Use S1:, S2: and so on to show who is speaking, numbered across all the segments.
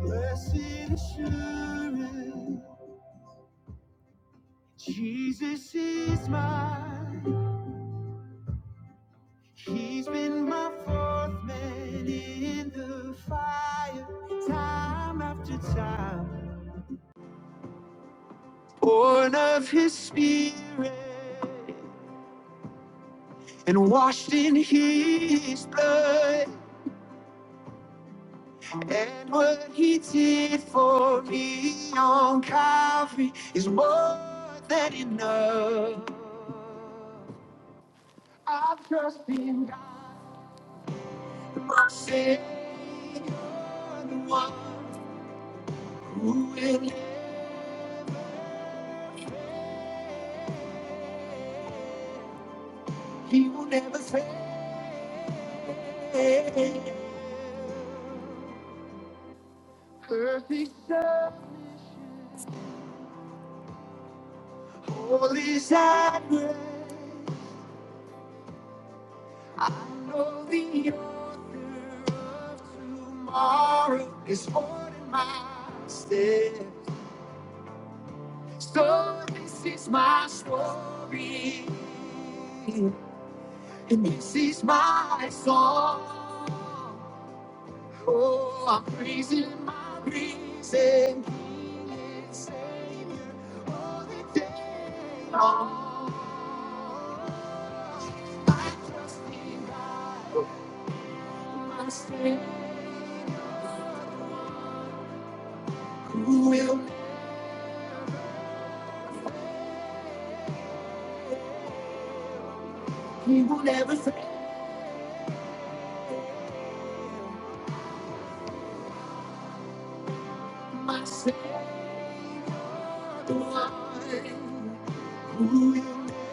S1: Blessed assurance, Jesus is mine. He's been my fourth man in the fire, time after time. Born of his spirit and washed in his blood. And what he did for me on Calvary is more than enough. I've just been my Savior, the one who will, he will never fail. Perfect love, holy sacrifice. I know the author of tomorrow is ordering my steps. So this is my story, and this is my song. Oh, I'm praising my reason, King and Savior, all the day long. I trust in God, my strength, who will, He will never fail. My Savior, the one who will,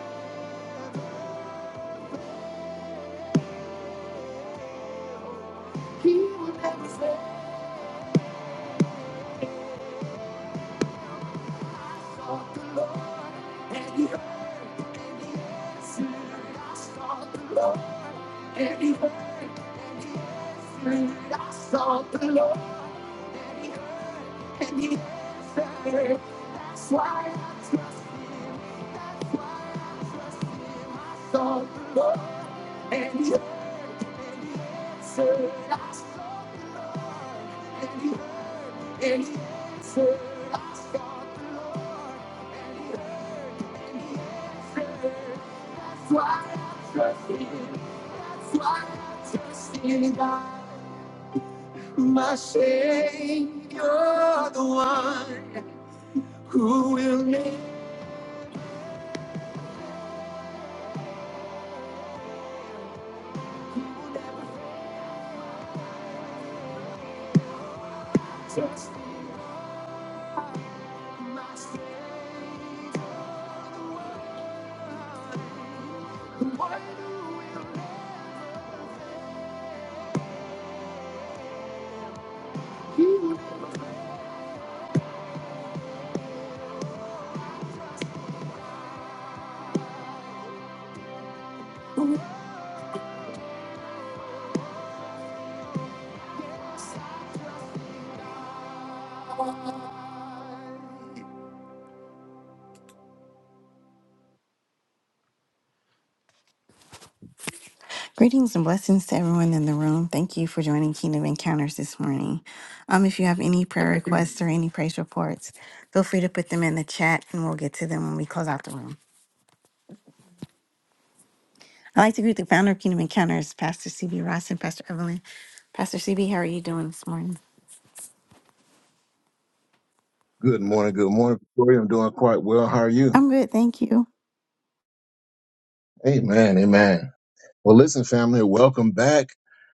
S1: He will never fail. Sought the Lord, and He heard, and He answered. I sought the Lord, and He heard, and I sought the Lord. That's why I trust on the Lord, and He answered us, and He and He answered us, and He and He answered. That's why I trust Him. That's why I trust in God, my Savior, the one who will make. who will never fail. Trust Greetings and blessings to everyone in the room. Thank you for joining Kingdom Encounters this morning. Um, if you have any prayer requests or any praise reports, feel free to put them in the chat and we'll get to them when we close out the room. I'd like to greet the founder of Kingdom Encounters, Pastor CB Ross and Pastor Evelyn. Pastor CB, how are you doing this morning?
S2: Good morning. Good morning, Victoria. I'm doing quite well. How are you?
S1: I'm good, thank you.
S2: Amen. Amen. Well, listen, family, welcome back.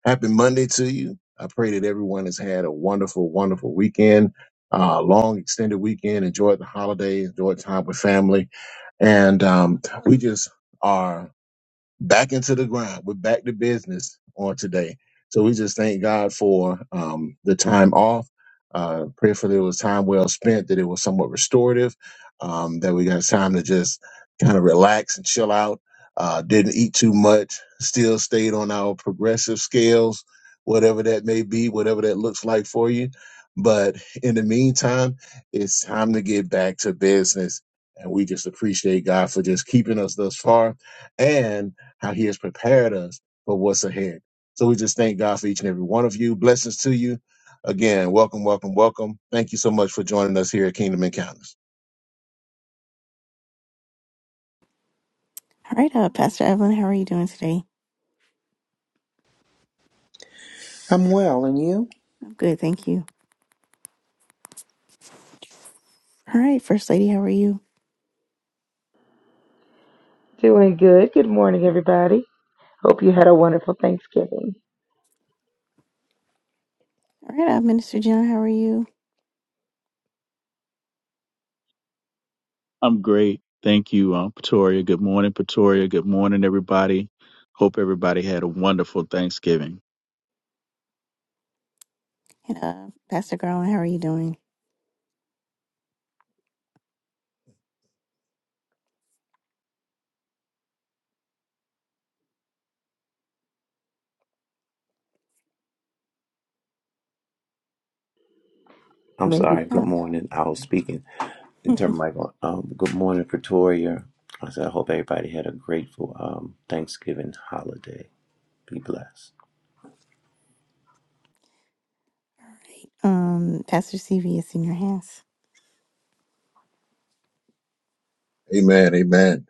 S2: Happy Monday to you. I pray that everyone has had a wonderful, wonderful weekend, uh, long, extended weekend. Enjoyed the holidays. enjoyed time with family. And um, we just are back into the grind. We're back to business on today. So we just thank God for um, the time off. Uh, prayerfully, it was time well spent, that it was somewhat restorative, um, that we got time to just kind of relax and chill out. Uh, didn't eat too much, still stayed on our progressive scales, whatever that may be, whatever that looks like for you. But in the meantime, it's time to get back to business. And we just appreciate God for just keeping us thus far. And how he has prepared us for what's ahead. So we just thank God for each and every one of you. Blessings to you. Again, welcome, welcome, welcome. Thank you so much for joining us here at Kingdom Encounters.
S1: All right, uh, Pastor Evelyn, how are you doing today?
S3: I'm well, and you?
S1: I'm good, thank you. All right, First Lady, how are you?
S4: Doing good. Good morning, everybody. Hope you had a wonderful Thanksgiving.
S1: All right, uh, Minister John, how are you?
S5: I'm great. Thank you, um, Pretoria. Good morning, Pretoria. Good morning, everybody. Hope everybody had a wonderful Thanksgiving.
S1: And uh, Pastor Garland, how are you doing?
S6: I'm
S4: Maybe
S6: sorry.
S1: All
S6: Good morning. I was speaking. Turn my mic on. Um, good morning, Pretoria. I said, I hope everybody had a grateful um, Thanksgiving holiday. Be blessed.
S1: right, um, Pastor CV, it's in your hands.
S2: Amen. Amen.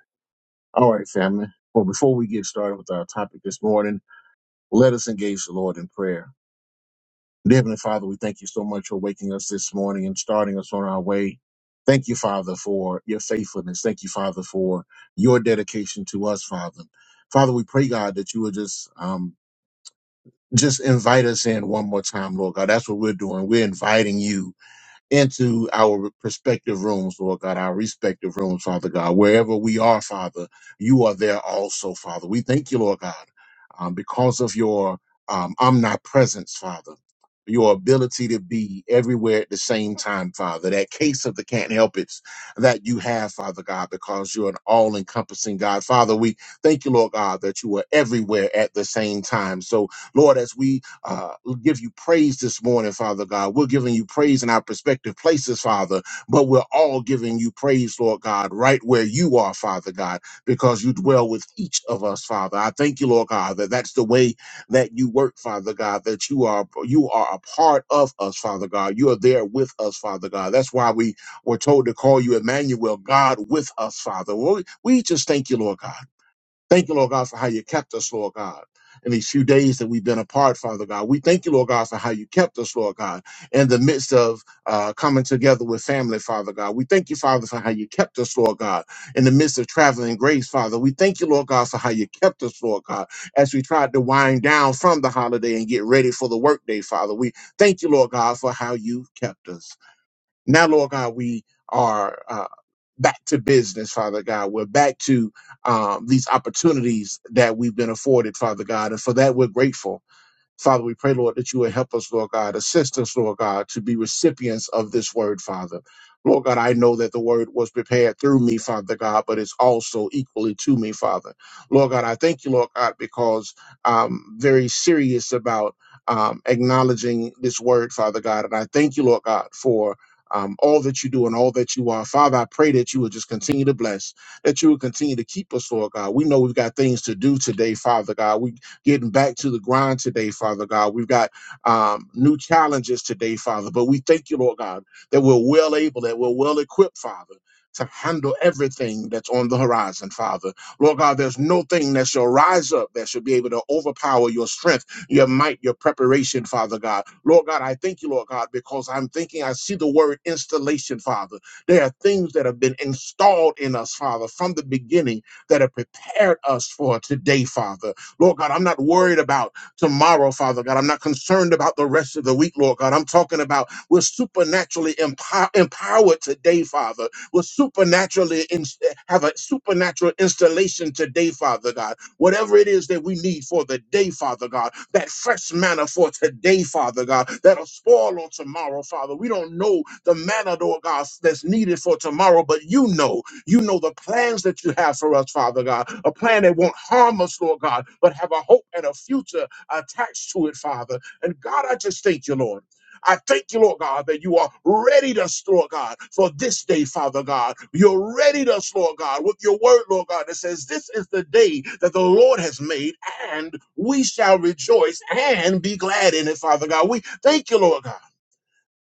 S2: All right, family. Well, before we get started with our topic this morning, let us engage the Lord in prayer. Dear Heavenly Father, we thank you so much for waking us this morning and starting us on our way. Thank you, Father, for your faithfulness. Thank you, Father, for your dedication to us, Father. Father, we pray, God, that you would just um, just invite us in one more time, Lord God. That's what we're doing. We're inviting you into our prospective rooms, Lord God, our respective rooms, Father God. Wherever we are, Father, you are there also, Father. We thank you, Lord God um, because of your um, omnipresence, Father, your ability to be everywhere at the same time, Father, that case of the can't help it that you have, Father God, because you're an all encompassing God. Father, we thank you, Lord God, that you are everywhere at the same time. So, Lord, as we uh, give you praise this morning, Father God, we're giving you praise in our prospective places, Father, but we're all giving you praise, Lord God, right where you are, Father God because you dwell with each of us, Father. I thank you, Lord God, that that's the way that you work, Father God, that you are you are a part of us, Father God. You are there with us, Father God. That's why we were told to call you Emmanuel, God with us, Father. Well, we we just thank you, Lord God. Thank you, Lord God, for how you kept us, Lord God. In these few days that we've been apart, Father God, we thank you, Lord God, for how you kept us, Lord God, in the midst of uh, coming together with family, Father God. We thank you, Father, for how you kept us, Lord God, in the midst of traveling grace, Father. We thank you, Lord God, for how you kept us, Lord God, as we tried to wind down from the holiday and get ready for the workday, Father. We thank you, Lord God, for how you kept us. Now, Lord God, we are uh, back to business, Father God. We're back to um, these opportunities that we've been afforded, Father God. And for that, we're grateful. Father, we pray, Lord, that you would help us, Lord God, assist us, Lord God, to be recipients of this word, Father. Lord God, I know that the word was prepared through me, Father God, but it's also equally to me, Father. Lord God, I thank you, Lord God, because I'm very serious about um, acknowledging this word, Father God. And I thank you, Lord God, for um, all that you do and all that you are. Father, I pray that you would just continue to bless, that you would continue to keep us, Lord God. We know we've got things to do today, Father God. We getting back to the grind today, Father God. We've got um, new challenges today, Father, but we thank you, Lord God, that we're well able, that we're well equipped, Father. To handle everything that's on the horizon, Father. Lord God, there's no thing that shall rise up that shall be able to overpower your strength, your might, your preparation, Father God. Lord God, I thank you, Lord God, because I'm thinking I see the word installation, Father. There are things that have been installed in us, Father, from the beginning that have prepared us for today, Father. Lord God, I'm not worried about tomorrow, Father God. I'm not concerned about the rest of the week, Lord God. I'm talking about we're supernaturally empower, empowered today, Father. We're supernaturally in, have a supernatural installation today, Father God. Whatever it is that we need for the day, Father God, that fresh manna for today, Father God, that'll spoil on tomorrow, Father. We don't know the manna, Lord God, that's needed for tomorrow, but you know. You know the plans that you have for us, Father God, a plan that won't harm us, Lord God, but have a hope and a future attached to it, Father. And God, I just thank you, Lord. I thank you, Lord God, that you are ready to us, Lord God, for this day, Father God. You're ready to us, Lord God, with your word, Lord God, that says, This is the day that the Lord has made, and we shall rejoice and be glad in it, Father God. We thank you, Lord God.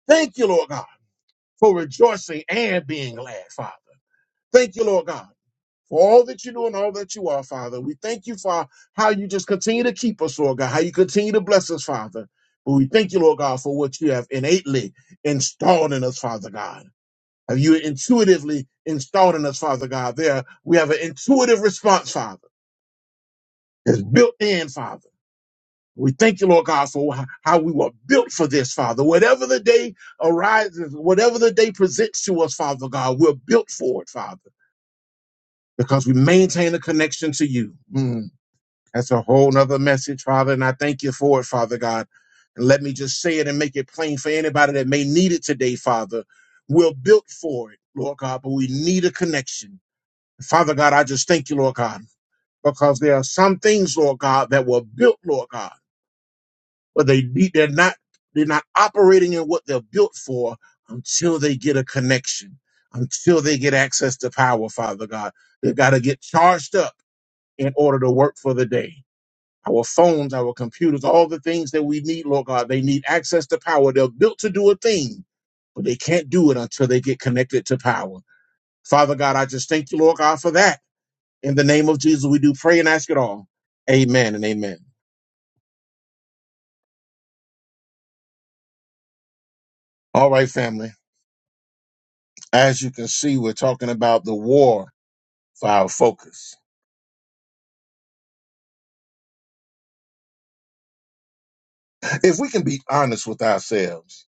S2: Thank you, Lord God, for rejoicing and being glad, Father. Thank you, Lord God for all that you do and all that you are, Father. We thank you for how you just continue to keep us, Lord God, how you continue to bless us, Father. But we thank you, Lord God, for what you have innately installed in us, Father God. Have you intuitively installed in us, Father God? There, we have an intuitive response, Father. It's built in, Father. We thank you, Lord God, for wh- how we were built for this, Father. Whatever the day arises, whatever the day presents to us, Father God, we're built for it, Father, because we maintain a connection to you. Mm. That's a whole nother message, Father, and I thank you for it, Father God. And let me just say it and make it plain for anybody that may need it today, Father. We're built for it, Lord God, but we need a connection. Father God, I just thank you, Lord God, because there are some things, Lord God, that were built, Lord God, but they need- they're not they're not operating in what they're built for until they get a connection, until they get access to power, Father God. They've got to get charged up in order to work for the day our phones, our computers, all the things that we need, Lord God. They need access to power. They're built to do a thing, but they can't do it until they get connected to power. Father God, I just thank you, Lord God, for that. In the name of Jesus, we do pray and ask it all. Amen and amen. All right, family. As you can see, we're talking about the war for our focus. If we can be honest with ourselves,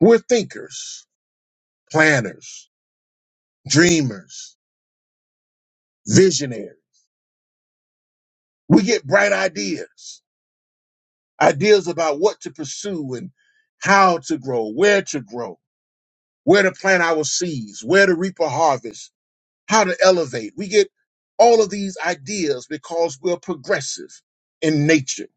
S2: we're thinkers, planners, dreamers, visionaries. We get bright ideas. ideas about what to pursue and how to grow, where to grow, where to plant our seeds, where to reap a harvest, how to elevate. We get all of these ideas because we're progressive in nature.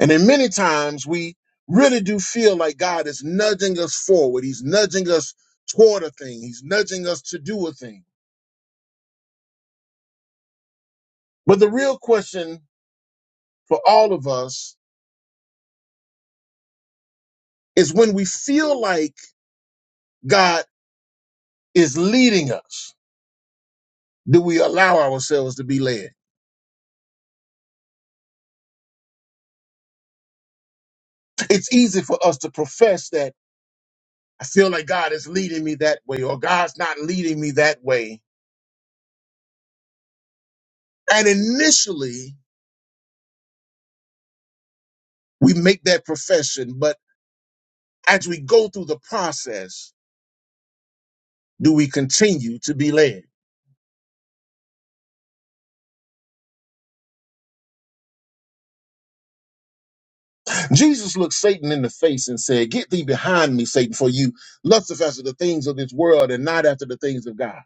S2: And then many times we really do feel like God is nudging us forward. He's nudging us toward a thing. He's nudging us to do a thing. But the real question for all of us is when we feel like God is leading us do we allow ourselves to be led? It's easy for us to profess that I feel like God is leading me that way or God's not leading me that way. And initially, we make that profession, but as we go through the process, do we continue to be led? Jesus looked Satan in the face and said, Get thee behind me, Satan, for you lusteth after the things of this world and not after the things of God.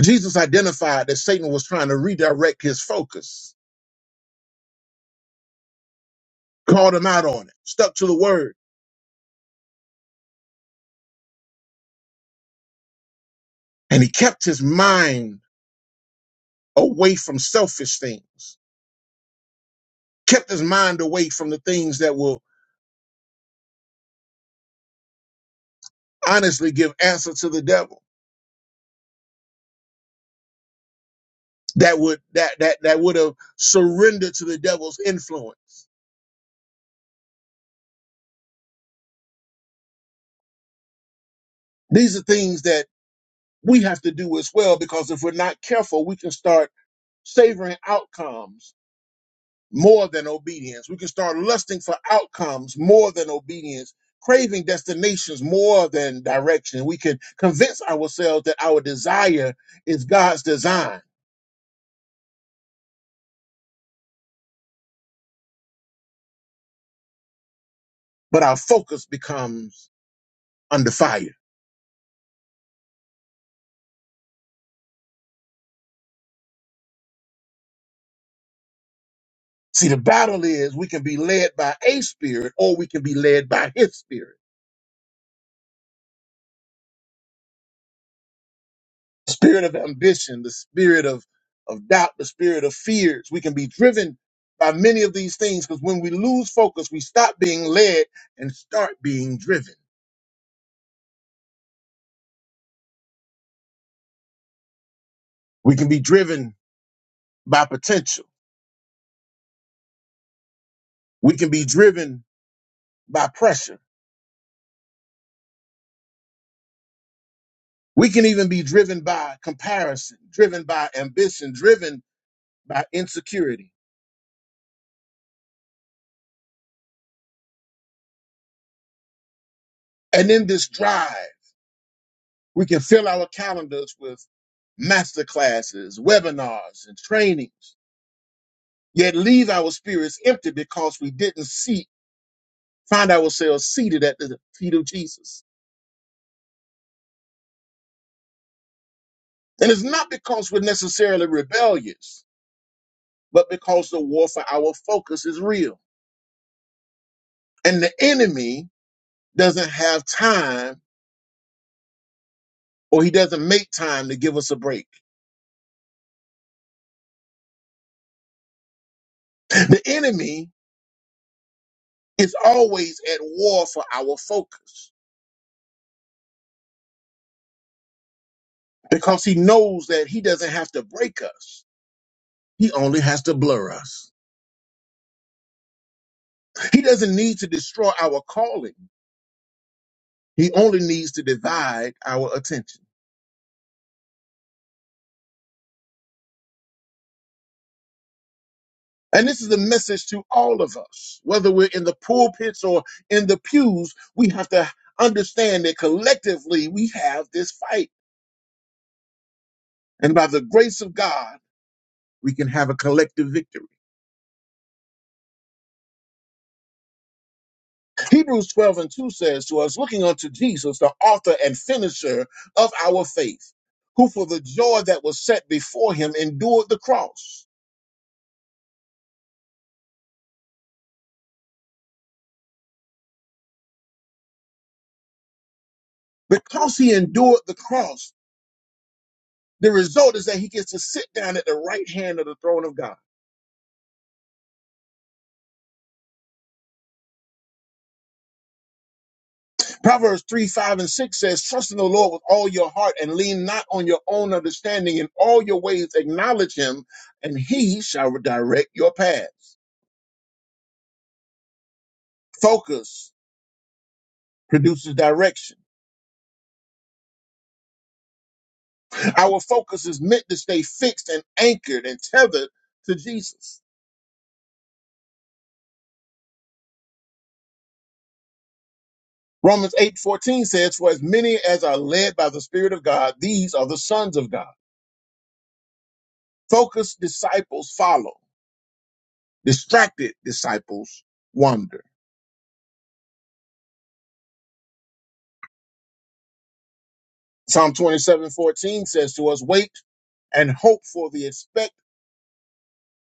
S2: Jesus identified that Satan was trying to redirect his focus, called him out on it, stuck to the word And he kept his mind away from selfish things, kept his mind away from the things that will honestly give answer to the devil, that would that that that would have surrendered to the devil's influence. These are things that we have to do as well because if we're not careful, we can start savoring outcomes more than obedience. We can start lusting for outcomes more than obedience, craving destinations more than direction. We can convince ourselves that our desire is God's design, but our focus becomes under fire. See, the battle is we can be led by a spirit or we can be led by his spirit. The Spirit of ambition, the spirit of, of doubt, the spirit of fears. We can be driven by many of these things because when we lose focus, we stop being led and start being driven. We can be driven by potential. We can be driven by pressure. We can even be driven by comparison, driven by ambition, driven by insecurity. And in this drive, we can fill our calendars with masterclasses, webinars, and trainings, yet leave our spirits empty because we didn't seek, find ourselves seated at the feet of Jesus. And it's not because we're necessarily rebellious, but because the war for our focus is real. And the enemy doesn't have time or he doesn't make time to give us a break. The enemy is always at war for our focus because he knows that he doesn't have to break us. He only has to blur us. He doesn't need to destroy our calling. He only needs to divide our attention. And this is a message to all of us, whether we're in the pulpits or in the pews, we have to understand that collectively we have this fight. And by the grace of God, we can have a collective victory. Hebrews 12 and 2 says to us, looking unto Jesus, the author and finisher of our faith, who for the joy that was set before him endured the cross. Because he endured the cross, the result is that he gets to sit down at the right hand of the throne of God. Proverbs 3, 5, and 6 says, Trust in the Lord with all your heart and lean not on your own understanding. In all your ways acknowledge him, and he shall direct your paths. Focus produces direction. Our focus is meant to stay fixed and anchored and tethered to Jesus. Romans 8:14 says, "For as many as are led by the Spirit of God, these are the sons of God." Focused disciples follow. Distracted disciples wander. Psalm 27:14 says to us, "Wait and hope for the expect,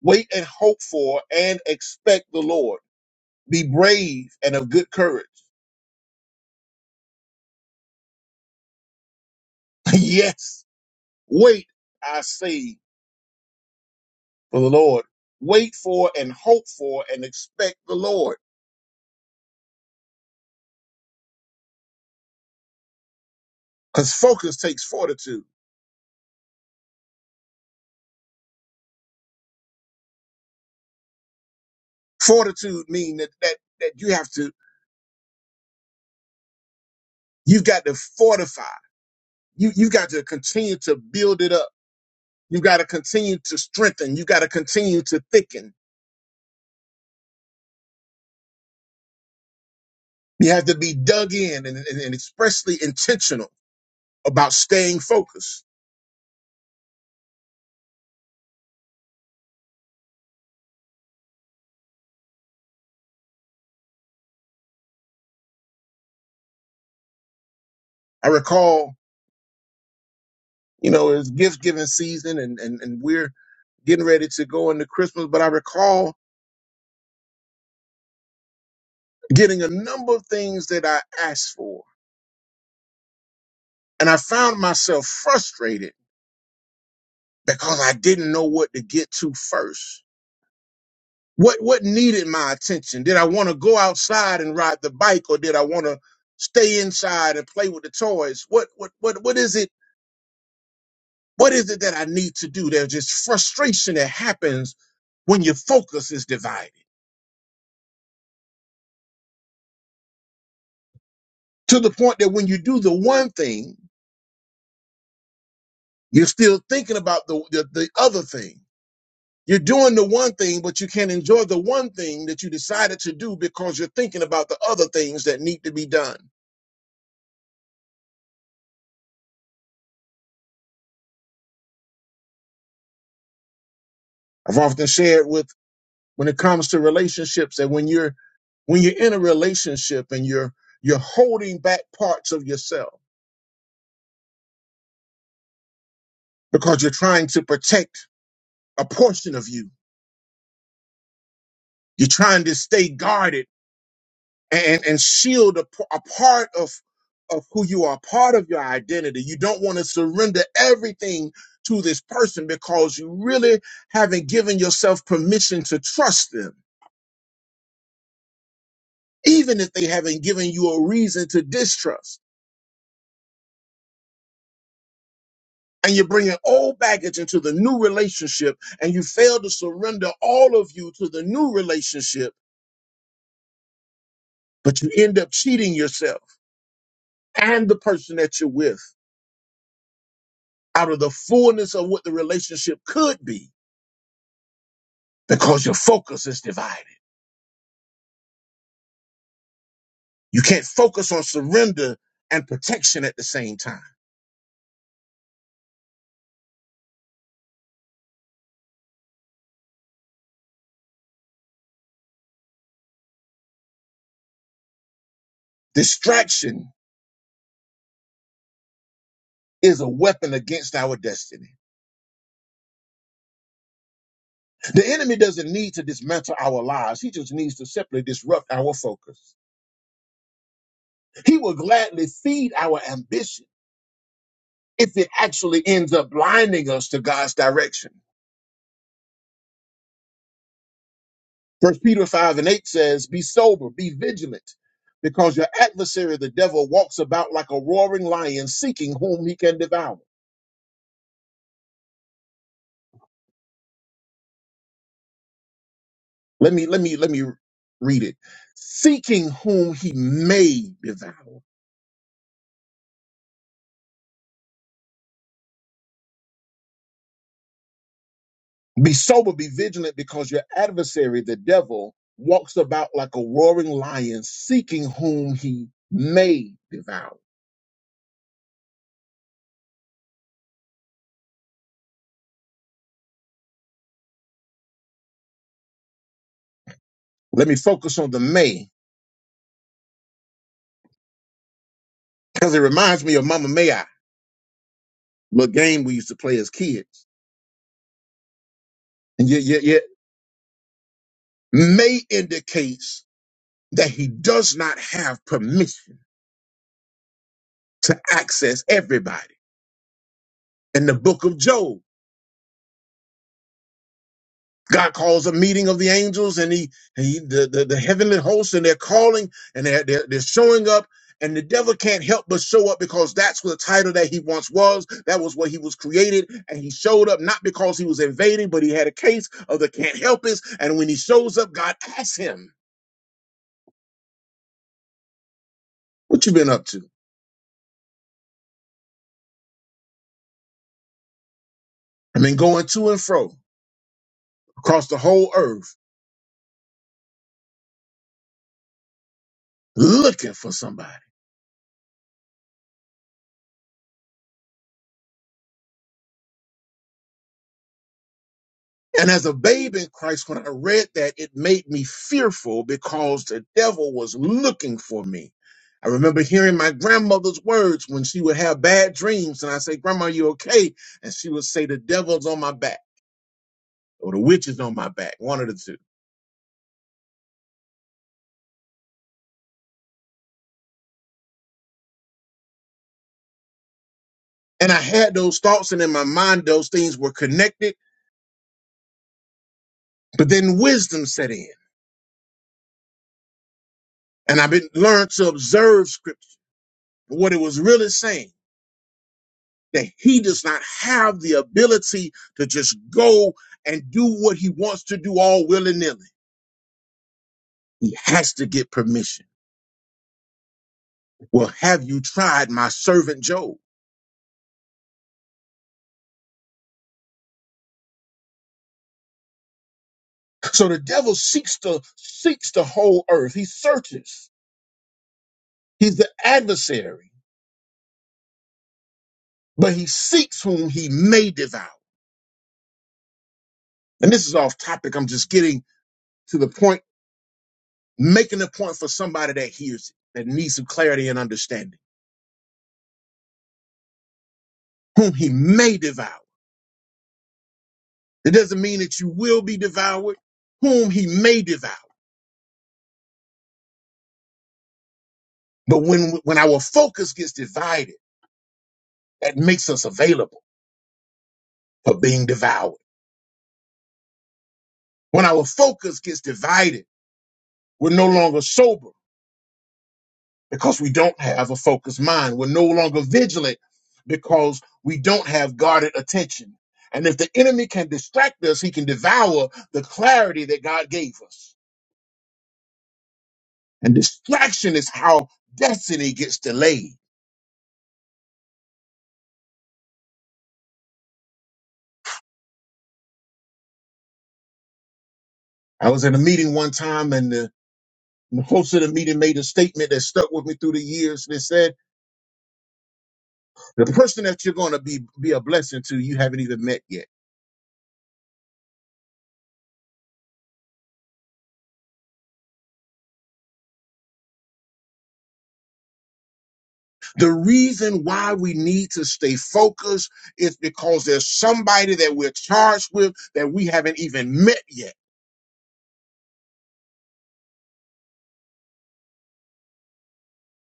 S2: wait and hope for and expect the Lord. Be brave and of good courage. yes, wait, I say. for the Lord. Wait for and hope for and expect the Lord. Because focus takes fortitude. Fortitude means that, that that you have to, you've got to fortify. You you've got to continue to build it up. You've got to continue to strengthen. You've got to continue to thicken. You have to be dug in and, and, and expressly intentional about staying focused. I recall, you know, it's gift giving season and, and and we're getting ready to go into Christmas, but I recall getting a number of things that I asked for. And I found myself frustrated because I didn't know what to get to first. What what needed my attention? Did I want to go outside and ride the bike or did I want to stay inside and play with the toys? What what what what is it? What is it that I need to do? There's just frustration that happens when your focus is divided to the point that when you do the one thing, you're still thinking about the, the, the other thing. You're doing the one thing, but you can't enjoy the one thing that you decided to do because you're thinking about the other things that need to be done. I've often shared with when it comes to relationships that when you're when you're in a relationship and you're you're holding back parts of yourself because you're trying to protect a portion of you. You're trying to stay guarded and and shield a, p- a part of of who you are, part of your identity. You don't want to surrender everything to this person because you really haven't given yourself permission to trust them, even if they haven't given you a reason to distrust. And you're bringing old baggage into the new relationship, and you fail to surrender all of you to the new relationship, but you end up cheating yourself and the person that you're with out of the fullness of what the relationship could be because your focus is divided. You can't focus on surrender and protection at the same time. Distraction is a weapon against our destiny. The enemy doesn't need to dismantle our lives. He just needs to simply disrupt our focus. He will gladly feed our ambition if it actually ends up blinding us to God's direction. First Peter 5 and 8 says, Be sober, be vigilant, because your adversary, the devil, walks about like a roaring lion, seeking whom he can devour. Let me let me let me read it. Seeking whom he may devour. Be sober, be vigilant, because your adversary, the devil, walks about like a roaring lion, seeking whom he may devour. Let me focus on the may, because it reminds me of Mama May I, little game we used to play as kids. And yet, yet, yet, may indicates that he does not have permission to access everybody. In the book of Job, God calls a meeting of the angels and he, he the, the, the heavenly hosts and they're calling and they're, they're, they're showing up and the devil can't help but show up because that's what the title that he once was. That was what he was created. And he showed up not because he was invading, but he had a case of the can't help us. And when he shows up, God asks him, what you been up to? I mean, going to and fro across the whole earth looking for somebody. And as a babe in Christ, when I read that, it made me fearful because the devil was looking for me. I remember hearing my grandmother's words when she would have bad dreams, and I say, Grandma, you okay? And she would say, The devil's on my back, or the witch is on my back, one of the two. And I had those thoughts, and in my mind, those things were connected, but then wisdom set in. And I've been learned to observe scripture, what it was really saying. that he does not have the ability to just go and do what he wants to do all willy nilly. He has to get permission. Well, have you tried my servant Job? So the devil seeks to seeks the whole earth. He searches. He's the adversary, but he seeks whom he may devour. And this is off topic. I'm just getting to the point, making a point for somebody that hears it, that needs some clarity and understanding. Whom he may devour. It doesn't mean that you will be devoured, whom he may devour. But when when our focus gets divided, that makes us available for being devoured. When our focus gets divided, we're no longer sober because we don't have a focused mind. We're no longer vigilant because we don't have guarded attention. And if the enemy can distract us, he can devour the clarity that God gave us. And distraction is how destiny gets delayed. I was at a meeting one time and the And the host of the meeting made a statement that stuck with me through the years They said, the person that you're going to be, be a blessing to, you haven't even met yet. The reason why we need to stay focused is because there's somebody that we're charged with that we haven't even met yet.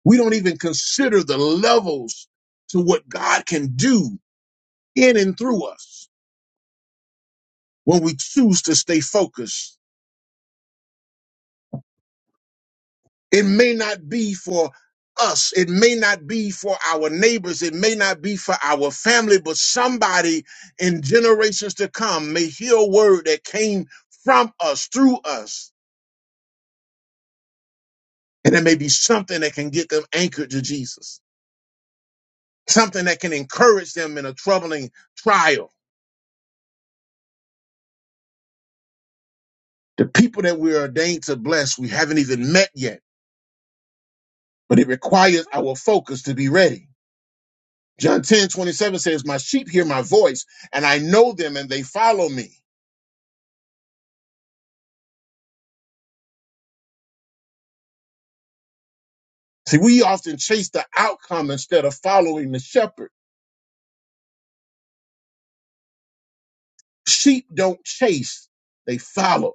S2: We don't even consider the levels to what God can do in and through us when we choose to stay focused It may not be for us. It may not be for our neighbors. It may not be for our family, but somebody in generations to come may hear a word that came from us, through us, and it may be something that can get them anchored to Jesus, something that can encourage them in a troubling trial. The people that we're ordained to bless, we haven't even met yet, but it requires our focus to be ready. John 10:27 says, My sheep hear my voice, and I know them, and they follow me. See, we often chase the outcome instead of following the shepherd. Sheep don't chase, they follow.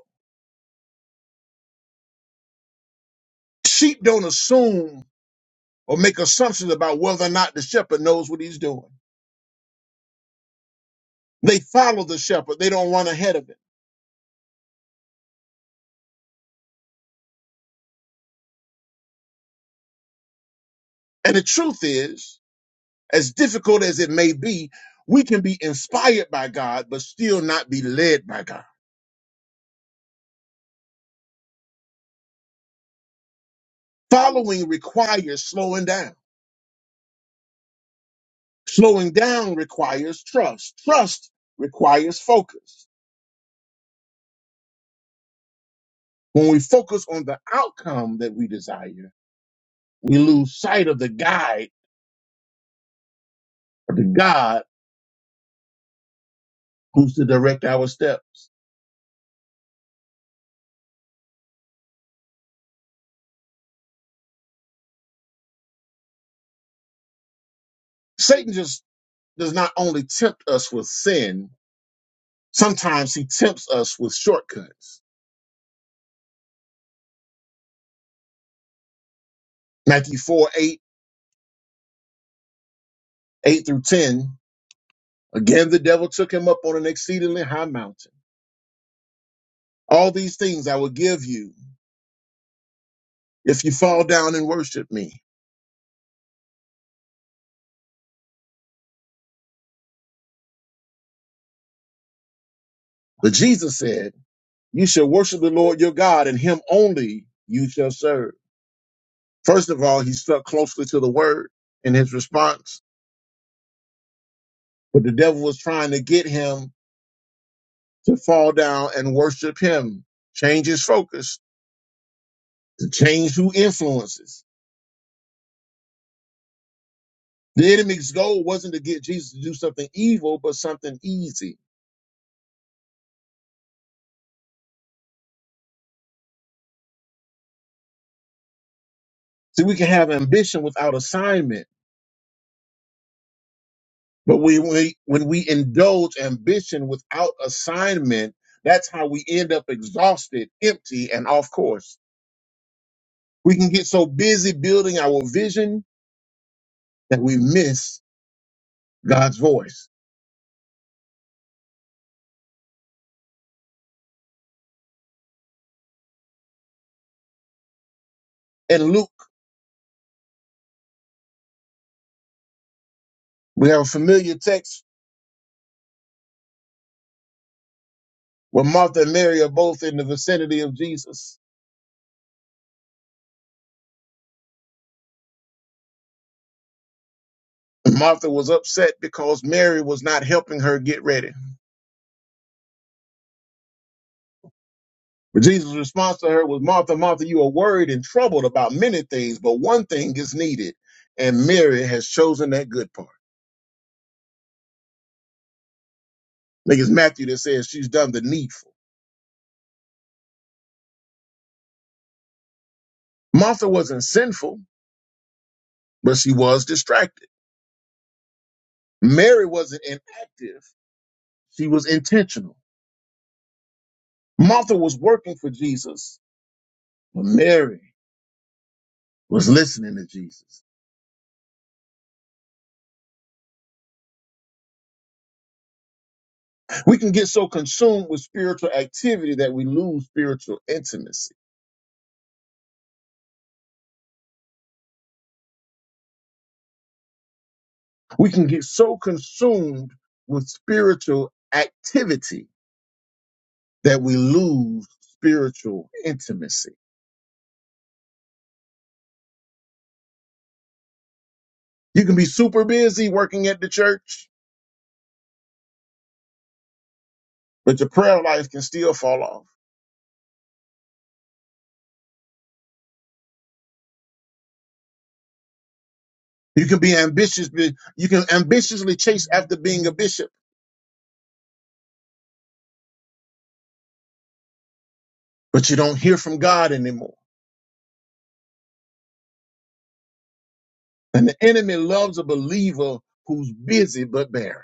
S2: Sheep don't assume or make assumptions about whether or not the shepherd knows what he's doing. They follow the shepherd, they don't run ahead of him. And the truth is, as difficult as it may be, we can be inspired by God, but still not be led by God. Following requires slowing down. Slowing down requires trust. Trust requires focus. When we focus on the outcome that we desire, we lose sight of the guide or the God who's to direct our steps. Satan just does not only tempt us with sin, sometimes he tempts us with shortcuts. Matthew four eight eight through 10. Again, the devil took him up on an exceedingly high mountain. All these things I will give you if you fall down and worship me. But Jesus said, You shall worship the Lord your God, and him only you shall serve. First of all, he stuck closely to the word in his response, but the devil was trying to get him to fall down and worship him, change his focus, to change who influences. The enemy's goal wasn't to get Jesus to do something evil, but something easy. See, we can have ambition without assignment, but we, we when we indulge ambition without assignment, that's how we end up exhausted, empty, and off course. We can get so busy building our vision that we miss God's voice. In Luke, we have a familiar text where Martha and Mary are both in the vicinity of Jesus. Martha was upset because Mary was not helping her get ready. But Jesus' response to her was, Martha, Martha, you are worried and troubled about many things, but one thing is needed, and Mary has chosen that good part. I think it's Matthew that says she's done the needful. Martha wasn't sinful, but she was distracted. Mary wasn't inactive, she was intentional. Martha was working for Jesus, But Mary was listening to Jesus. We can get so consumed with spiritual activity that we lose spiritual intimacy. We can get so consumed with spiritual activity that we lose spiritual intimacy. You can be super busy working at the church, but your prayer life can still fall off. You can be ambitious, you can ambitiously chase after being a bishop, but you don't hear from God anymore. And the enemy loves a believer who's busy but barren.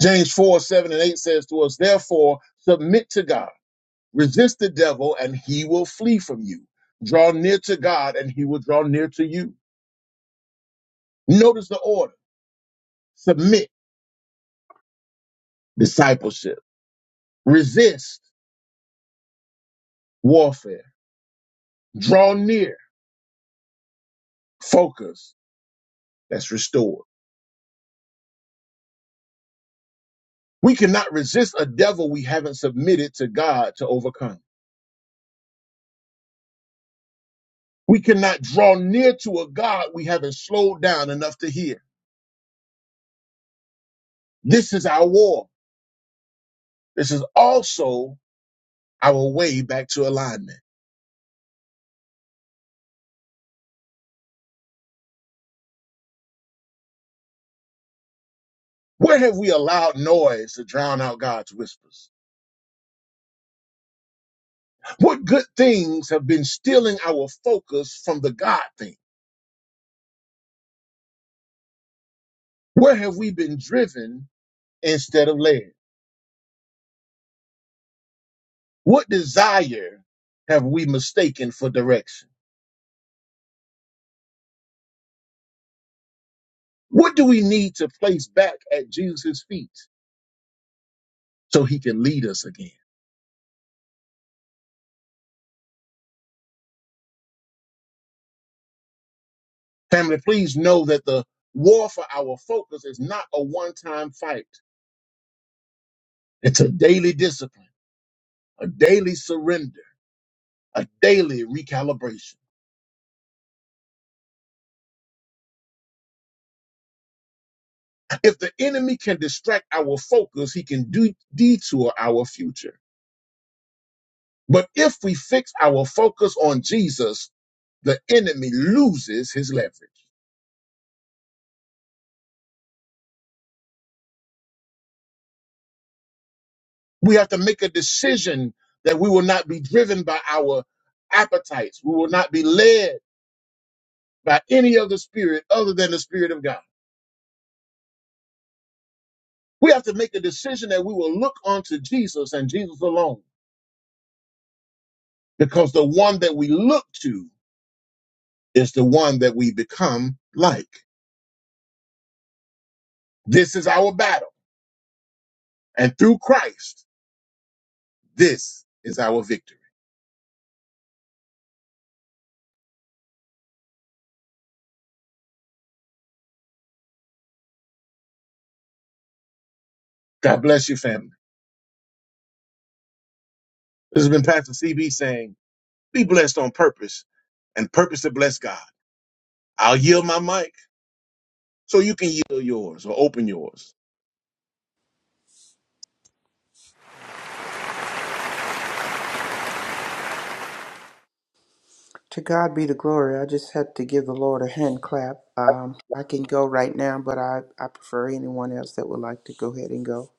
S2: James 4 7 and 8 says to us, Therefore, submit to God, resist the devil, and he will flee from you. Draw near to God, and he will draw near to you. Notice the order submit, discipleship, resist, warfare, draw near, focus, that's restored. We cannot resist a devil we haven't submitted to God to overcome. We cannot draw near to a God we haven't slowed down enough to hear. This is our war. This is also our way back to alignment. Where have we allowed noise to drown out God's whispers? What good things have been stealing our focus from the God thing? Where have we been driven instead of led? What desire have we mistaken for direction? What do we need to place back at Jesus' feet so he can lead us again? Family, please know that the war for our focus is not a one time fight. It's a daily discipline, a daily surrender a daily recalibration. If the enemy can distract our focus, he can do, detour our future. But if we fix our focus on Jesus, the enemy loses his leverage. We have to make a decision that we will not be driven by our appetites. We will not be led by any other spirit other than the spirit of God. We have to make a decision that we will look unto Jesus and Jesus alone because the one that we look to is the one that we become like. This is our battle. And through Christ, this is our victory. God bless you, family. This has been Pastor CB saying, be blessed on purpose and purpose to bless God. I'll yield my mic so you can yield yours or open yours.
S3: To God be the glory. I just had to give the Lord a hand clap. Um, I can go right now, but I, I prefer anyone else that would like to go ahead and go.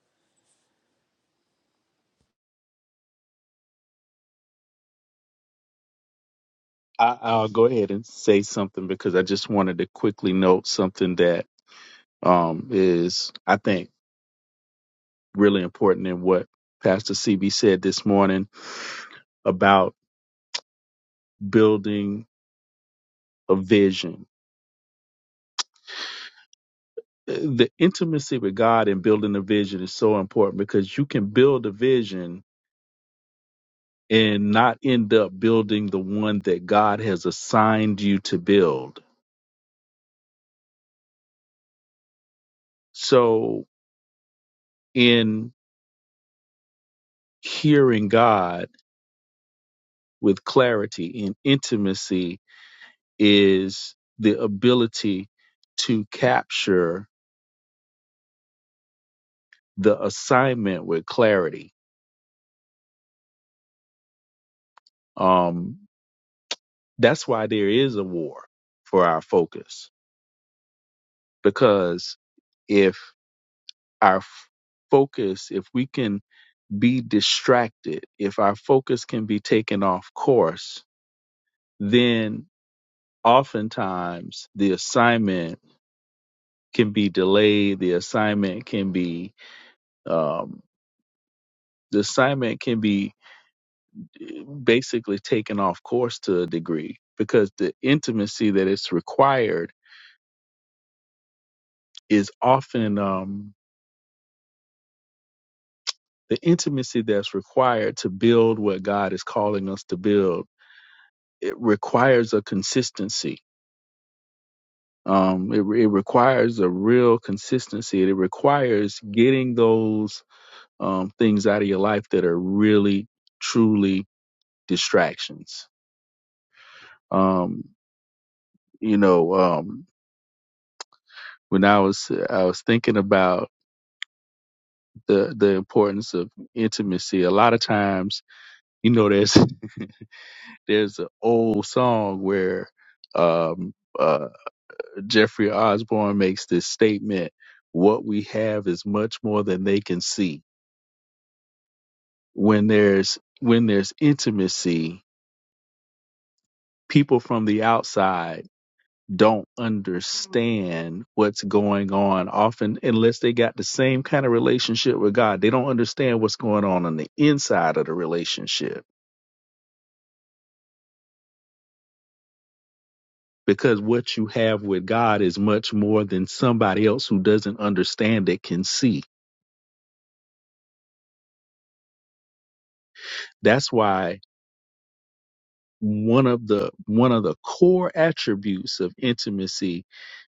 S5: I, I'll go ahead and say something because I just wanted to quickly note something that um, is, I think, really important in what Pastor CB said this morning about building a vision. The intimacy with God and building a vision is so important because you can build a vision and not end up building the one that God has assigned you to build. So, in hearing God with clarity in intimacy is the ability to capture the assignment with clarity. Um, that's why there is a war for our focus because if our f- focus, if we can be distracted, if our focus can be taken off course, then oftentimes the assignment can be delayed. The assignment can be um, the assignment can be eh, basically taken off course to a degree because the intimacy that is required is often um, the intimacy that's required to build what God is calling us to build. It requires a consistency Um, it, it requires a real consistency. It requires getting those um, things out of your life that are really, truly distractions. Um, you know, um, when I was I was thinking about the the importance of intimacy. A lot of times, you know, there's there's an old song where um, uh, Jeffrey Osborne makes this statement: "What we have is much more than they can see." when there's when there's intimacy people from the outside don't understand what's going on often unless they got the same kind of relationship with God they don't understand what's going on on the inside of the relationship because what you have with God is much more than somebody else who doesn't understand it can see that's why one of the one of the core attributes of intimacy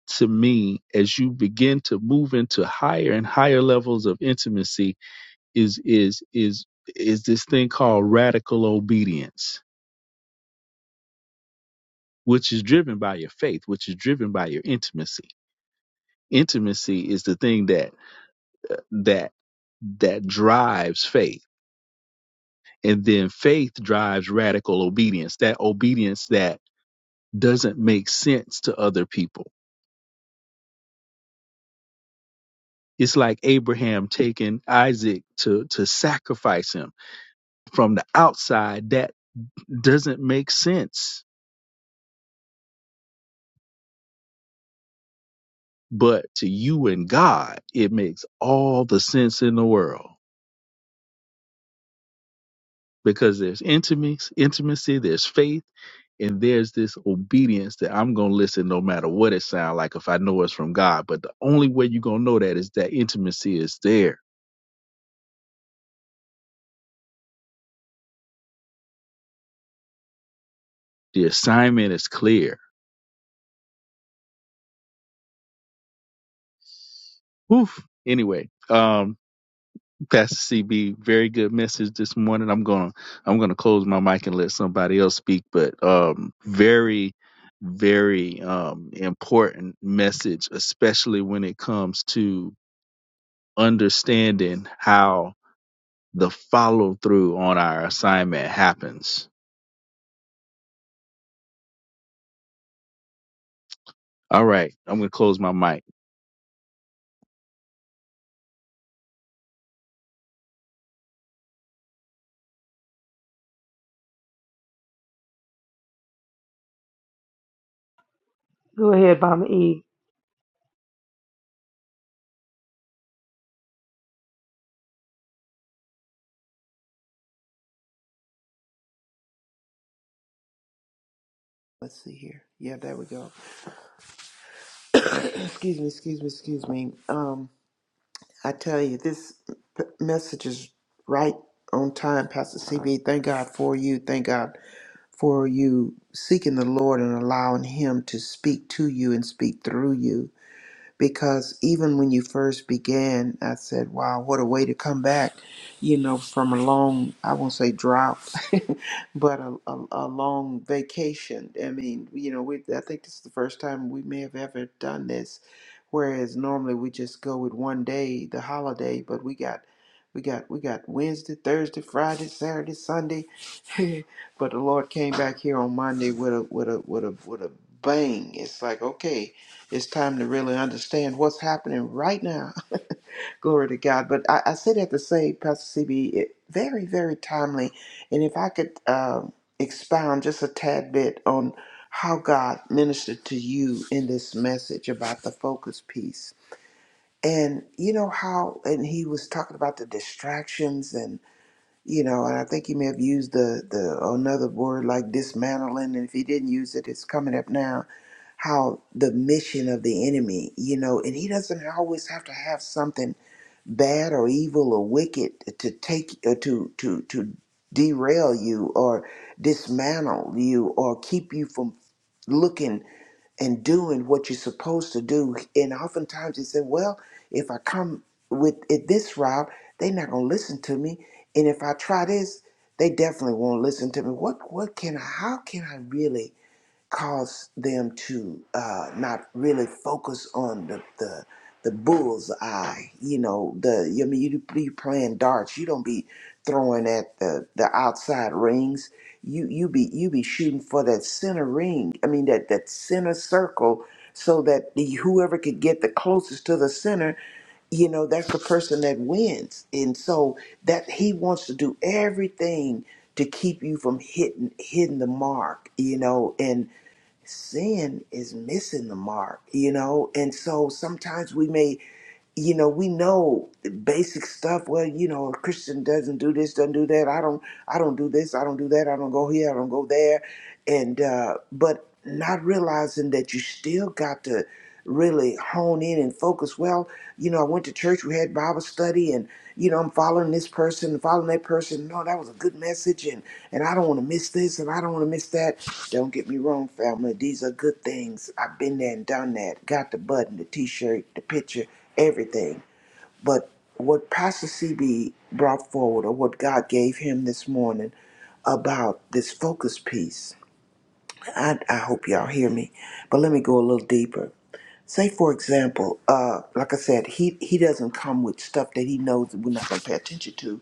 S5: to me as you begin to move into higher and higher levels of intimacy is is is is this thing called radical obedience which is driven by your faith which is driven by your intimacy intimacy is the thing that that that drives faith and then faith drives radical obedience that obedience that doesn't make sense to other people it's like abraham taking isaac to to sacrifice him from the outside That doesn't make sense. But to you and God, it makes all the sense in the world because there's intimacy, intimacy, there's faith, and there's this obedience that I'm going to listen no matter what it sounds like if I know it's from God. But the only way you're going to know that is that intimacy is there. The assignment is clear. Oof. Anyway, um, Pastor CB, very good message this morning. I'm gonna I'm gonna close my mic and let somebody else speak, but um, very very um, important message, especially when it comes to understanding how the follow through on our assignment happens. All right, I'm gonna close my mic.
S4: go ahead, Mama E.
S3: Let's see here. Yeah, there we go. excuse me, excuse me, excuse me. Um, I tell you, this p- message is right on time, Pastor CB. Thank God for you. Thank God for you seeking the Lord and allowing Him to speak to you and speak through you because even when you first began, I said, wow, what a way to come back, you know, from a long, I won't say drought, but a, a, a long vacation. I mean, you know, we, I think this is the first time we may have ever done this, whereas normally we just go with one day, the holiday, but we got we got we got Wednesday, Thursday, Friday, Saturday, Sunday, but the Lord came back here on Monday with a with a with a with a bang. It's like okay, it's time to really understand what's happening right now. Glory to God. But I, I say that to say, Pastor CB, it, very, very timely. And if I could um expound just a tad bit on how God ministered to you in this message about the focus piece. And you know how, and he was talking about the distractions and you know, and I think he may have used the, the another word like dismantling, and if he didn't use it, it's coming up now. How the mission of the enemy, you know, and he doesn't always have to have something bad or evil or wicked to take or to to to derail you or dismantle you or keep you from looking and doing what you're supposed to do. And oftentimes they say, well, if I come with it this route, they're not gonna listen to me. And if I try this, they definitely won't listen to me. What what can I how can I really cause them to uh, not really focus on the, the the bull's eye. You know, the I mean, you be playing darts. You don't be throwing at the the outside rings. You you be you be shooting for that center ring. I mean, that that center circle. So that the, whoever could get the closest to the center, you know, that's the person that wins. And so that he wants to do everything to keep you from hitting hitting the mark, you know, and sin is missing the mark, you know? And so sometimes we may you know, we know the basic stuff. Well, you know, a Christian doesn't do this, doesn't do that. I don't, I don't do this, I don't do that. I don't go here, I don't go there, and uh, but not realizing that you still got to really hone in and focus. Well, you know, I went to church, we had Bible study, and you know, I'm following this person, and following that person. No, that was a good message, and and I don't want to miss this, and I don't want to miss that. Don't get me wrong, family. These are good things. I've been there and done that. Got the button, the T-shirt, the picture everything. But what Pastor CB brought forward, or what God gave him this morning about this focus piece, I, I hope y'all hear me. But let me go a little deeper. Say, for example, uh, like I said, he, he doesn't come with stuff that he knows that we're not going to pay attention to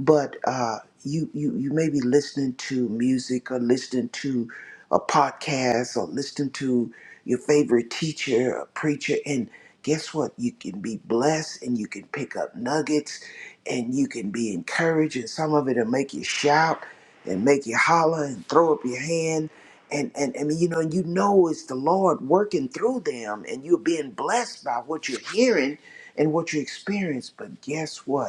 S3: but uh, you, you you may be listening to music or listening to a podcast or listening to your favorite teacher or preacher and guess what you can be blessed and you can pick up nuggets and you can be encouraged and some of it will make you shout and make you holler and throw up your hand and and I mean you know you know it's the Lord working through them and you're being blessed by what you're hearing and what you experience but guess what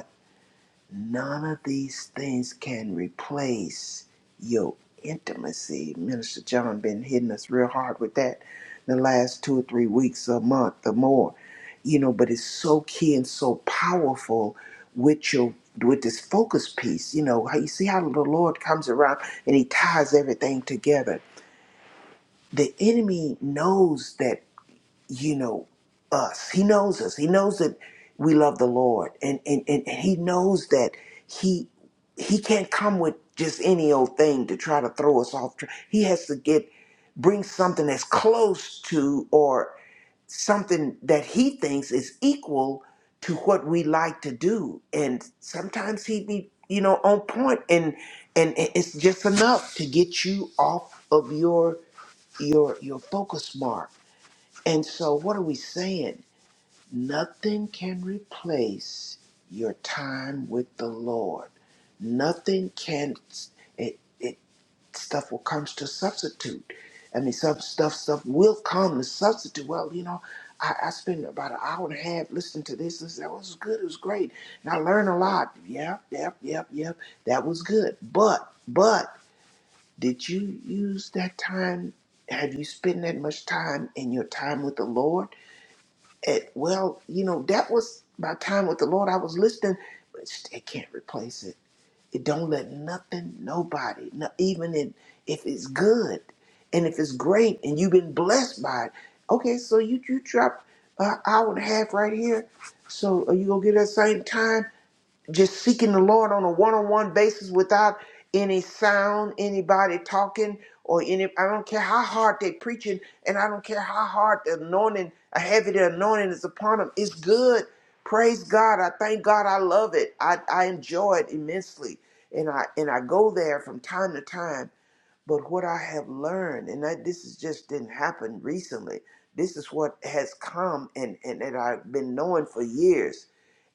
S3: None of these things can replace your intimacy. Minister John been hitting us real hard with that the last two or three weeks, a month or more. You know, but it's so key and so powerful with your with this focus piece. You know, how you see how the Lord comes around and he ties everything together. The enemy knows that you know, us. He knows us. He knows that we love the Lord. And and, and, and he knows that he he can't come with just any old thing to try to throw us off track. He has to get bring something that's close to or something that he thinks is equal to what we like to do. And sometimes he be, you know, on point and and it's just enough to get you off of your your your focus mark and so, what are we saying? Nothing can replace your time with the Lord. Nothing can, it, it stuff will come to substitute. I mean, some stuff, stuff will come to substitute. Well, you know, I, I spent about an hour and a half listening to this. This that was good. It was great, and I learned a lot. Yep, yep, yep, yep. That was good. But, but, did you use that time? Have you spent that much time in your time with the Lord? it, well, you know, that was my time with the Lord. I was listening, but it's- it can't replace it. It don't let nothing, nobody, not even in, if it's good and if it's great and you've been blessed by it. Okay, so you you dropped an hour and a half right here. So are you gonna get that same time? just seeking the Lord on a one-on-one basis without any sound, anybody talking, or any. I don't care how hard they're preaching, and I don't care how hard the anointing, a heavy the anointing is upon them. It's good. Praise God. I thank God. I love it. I, I enjoy it immensely, and I and I go there from time to time. But what I have learned, and that this is just didn't happen recently. This is what has come, and and that I've been knowing for years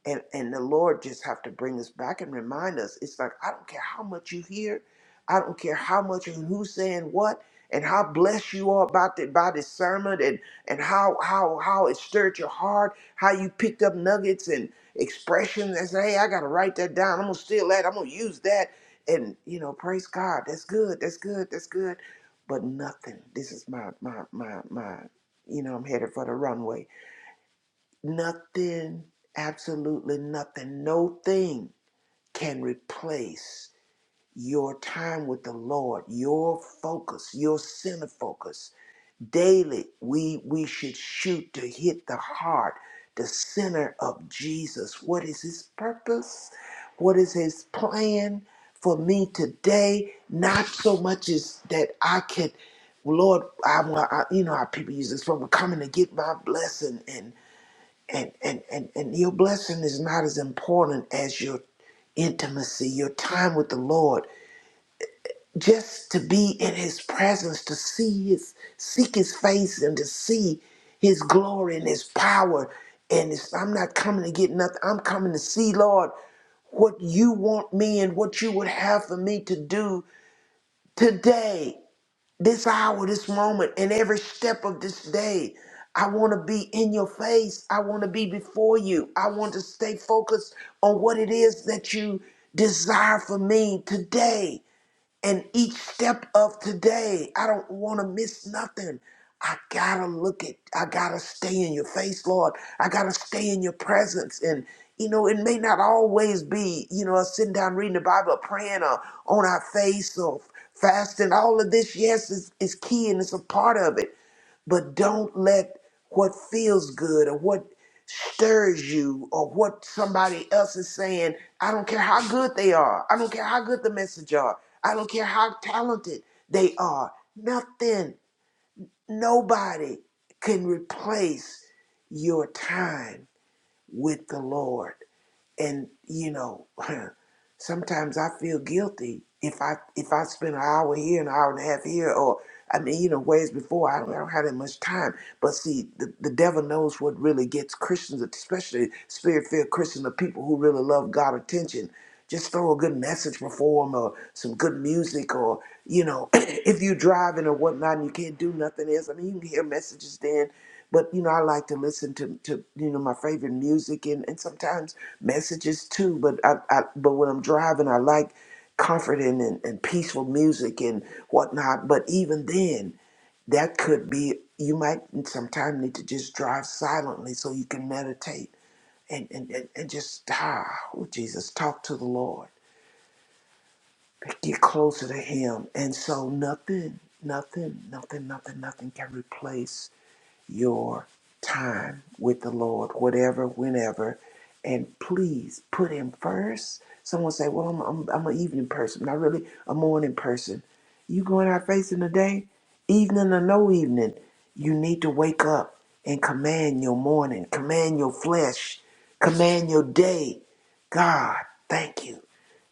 S3: and and the lord just have to bring us back and remind us it's like i don't care how much you hear i don't care how much and who's saying what and how blessed you are about the, by this sermon and and how how how it stirred your heart how you picked up nuggets and expressions and say hey i gotta write that down i'm gonna steal that i'm gonna use that and you know praise god that's good that's good that's good but nothing this is my my my my you know i'm headed for the runway Nothing, absolutely nothing, no thing can replace your time with the Lord, your focus, your center focus. Daily, we we should shoot to hit the heart, the center of Jesus. What is his purpose? What is his plan for me today? Not so much as that I can Lord, I, I you know how people use this from coming to get my blessing and and and and, and your blessing is not as important as your intimacy your time with the lord just to be in his presence to see his seek his face and to see his glory and his power and it's, i'm not coming to get nothing i'm coming to see lord what you want me and what you would have for me to do today this hour, this moment, and every step of this day. I want to be in your face. I want to be before you. I want to stay focused on what it is that you desire for me today. And each step of today, I don't want to miss nothing. I gotta look at, I gotta stay in your face, Lord. I gotta stay in your presence. And, you know, it may not always be, you know, us sitting down reading the Bible, or praying, or on our face, or fasting. All of this, yes, is, is key and it's a part of it. But don't let what feels good or what stirs you or what somebody else is saying. I don't care how good they are. I don't care how good the message are. I don't care how talented they are. Nothing, nobody can replace your time with the Lord and you know sometimes i feel guilty if i if i spend an hour here an hour and a half here or i mean you know whereas before i don't, I don't have that much time but see the, the devil knows what really gets christians especially spirit-filled christians the people who really love god attention just throw a good message before them or some good music or you know if you're driving or whatnot and you can't do nothing else i mean you can hear messages then but you know i like to listen to, to you know my favorite music and, and sometimes messages too but I, I but when i'm driving i like comforting and, and peaceful music and whatnot but even then that could be you might sometimes need to just drive silently so you can meditate and and, and, and just ah, oh jesus talk to the lord get closer to him and so nothing nothing nothing nothing nothing can replace your time with the Lord, whatever, whenever, and please put Him first. Someone say, "Well, I'm I'm, I'm an evening person, not really a morning person." You going out facing the day, evening or no evening, you need to wake up and command your morning, command your flesh, command your day. God, thank you.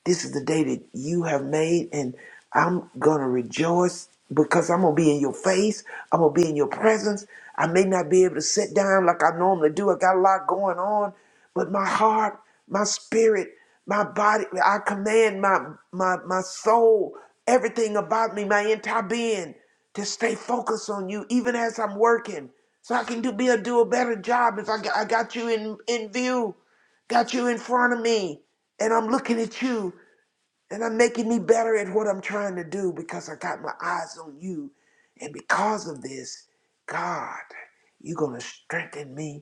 S3: This is the day that you have made, and I'm going to rejoice because I'm going to be in your face. I'm going to be in your presence. I may not be able to sit down like I normally do. I got a lot going on, but my heart, my spirit, my body, I command my, my, my soul, everything about me, my entire being to stay focused on you, even as I'm working, so I can do, be a, do a better job if I, got- I got you in, in view got you in front of me and I'm looking at you. And I'm making me better at what I'm trying to do because I got my eyes on you. And because of this, God, you're going to strengthen me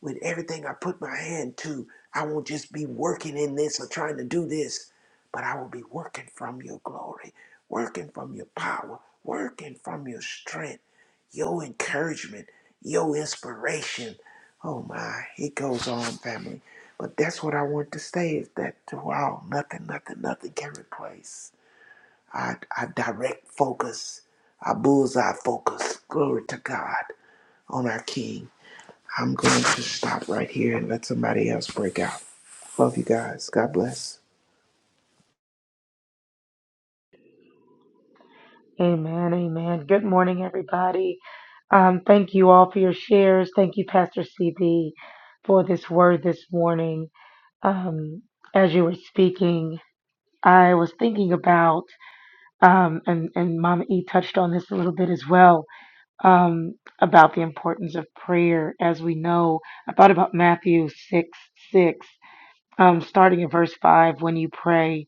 S3: with everything I put my hand to, I won't just be working in this or trying to do this, but I will be working from your glory, working from your power, working from your strength, your encouragement, your inspiration. Oh my, it goes on, family. But that's what I want to say is that wow, nothing, nothing, nothing can replace. I, I direct focus, our bullseye focus, glory to God, on our King I'm going to stop right here and let somebody else break out. Love you guys. God bless.
S4: Amen. Amen. Good morning, everybody. Um, thank you all for your shares. Thank you, Pastor CB, for this word this morning. Um, as you were speaking. I was thinking about, um, and, and Mama E touched on this a little bit as well, um, about the importance of prayer. As we know, I thought about Matthew 6 6, um, starting in verse 5 when you pray,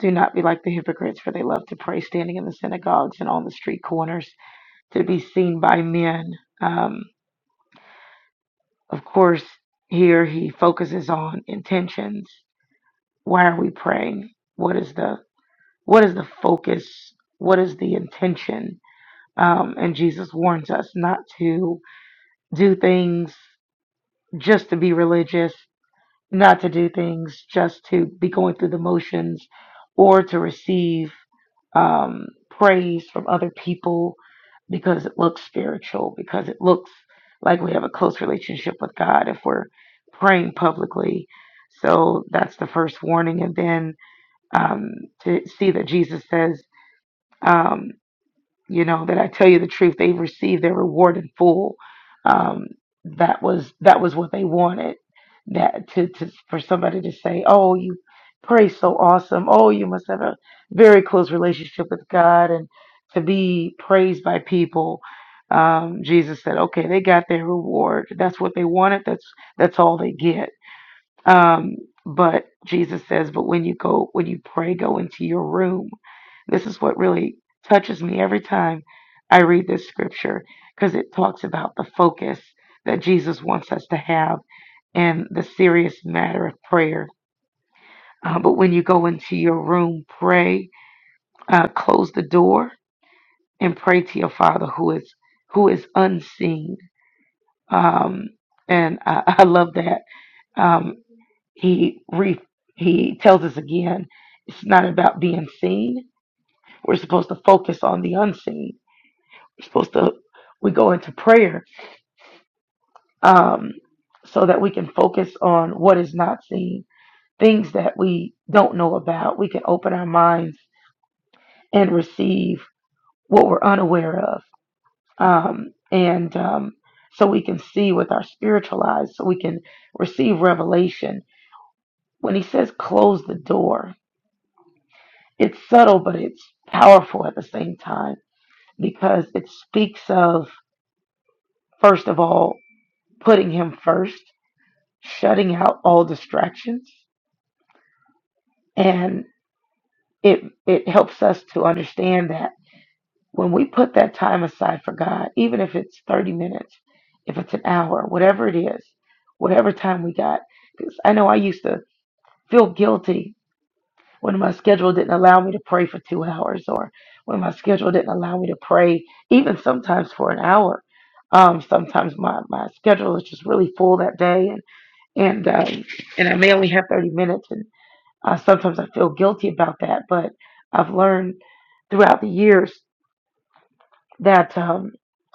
S4: do not be like the hypocrites, for they love to pray standing in the synagogues and on the street corners to be seen by men. Um, of course, here he focuses on intentions. Why are we praying? What is the What is the focus? What is the intention? Um, and Jesus warns us not to do things just to be religious, not to do things just to be going through the motions or to receive um, praise from other people because it looks spiritual, because it looks like we have a close relationship with God if we're praying publicly. So that's the first warning. And then um, to see that Jesus says, um, you know that i tell you the truth they've received their reward in full um, that was that was what they wanted that to, to for somebody to say oh you pray so awesome oh you must have a very close relationship with god and to be praised by people um, jesus said okay they got their reward that's what they wanted that's that's all they get um, but Jesus says, but when you go, when you pray, go into your room. This is what really touches me every time I read this scripture because it talks about the focus that Jesus wants us to have in the serious matter of prayer. Uh, but when you go into your room, pray, uh, close the door, and pray to your Father who is who is unseen. Um, and I, I love that. Um, he re, he tells us again it's not about being seen we're supposed to focus on the unseen we're supposed to we go into prayer um so that we can focus on what is not seen things that we don't know about we can open our minds and receive what we're unaware of um and um so we can see with our spiritual eyes so we can receive revelation when he says close the door It's subtle, but it's powerful at the same time because it speaks of, first of all, putting him first, shutting out all distractions, and it it helps us to understand that when we put that time aside for God, even if it's 30 minutes, if it's an hour, whatever it is, whatever time we got, because I know I used to feel guilty when my schedule didn't allow me to pray for two hours or when my schedule didn't allow me to pray even sometimes for an hour um, sometimes my, my schedule is just really full that day and and um, and I may only have 30 minutes and uh, sometimes I feel guilty about that but I've learned throughout the years that um,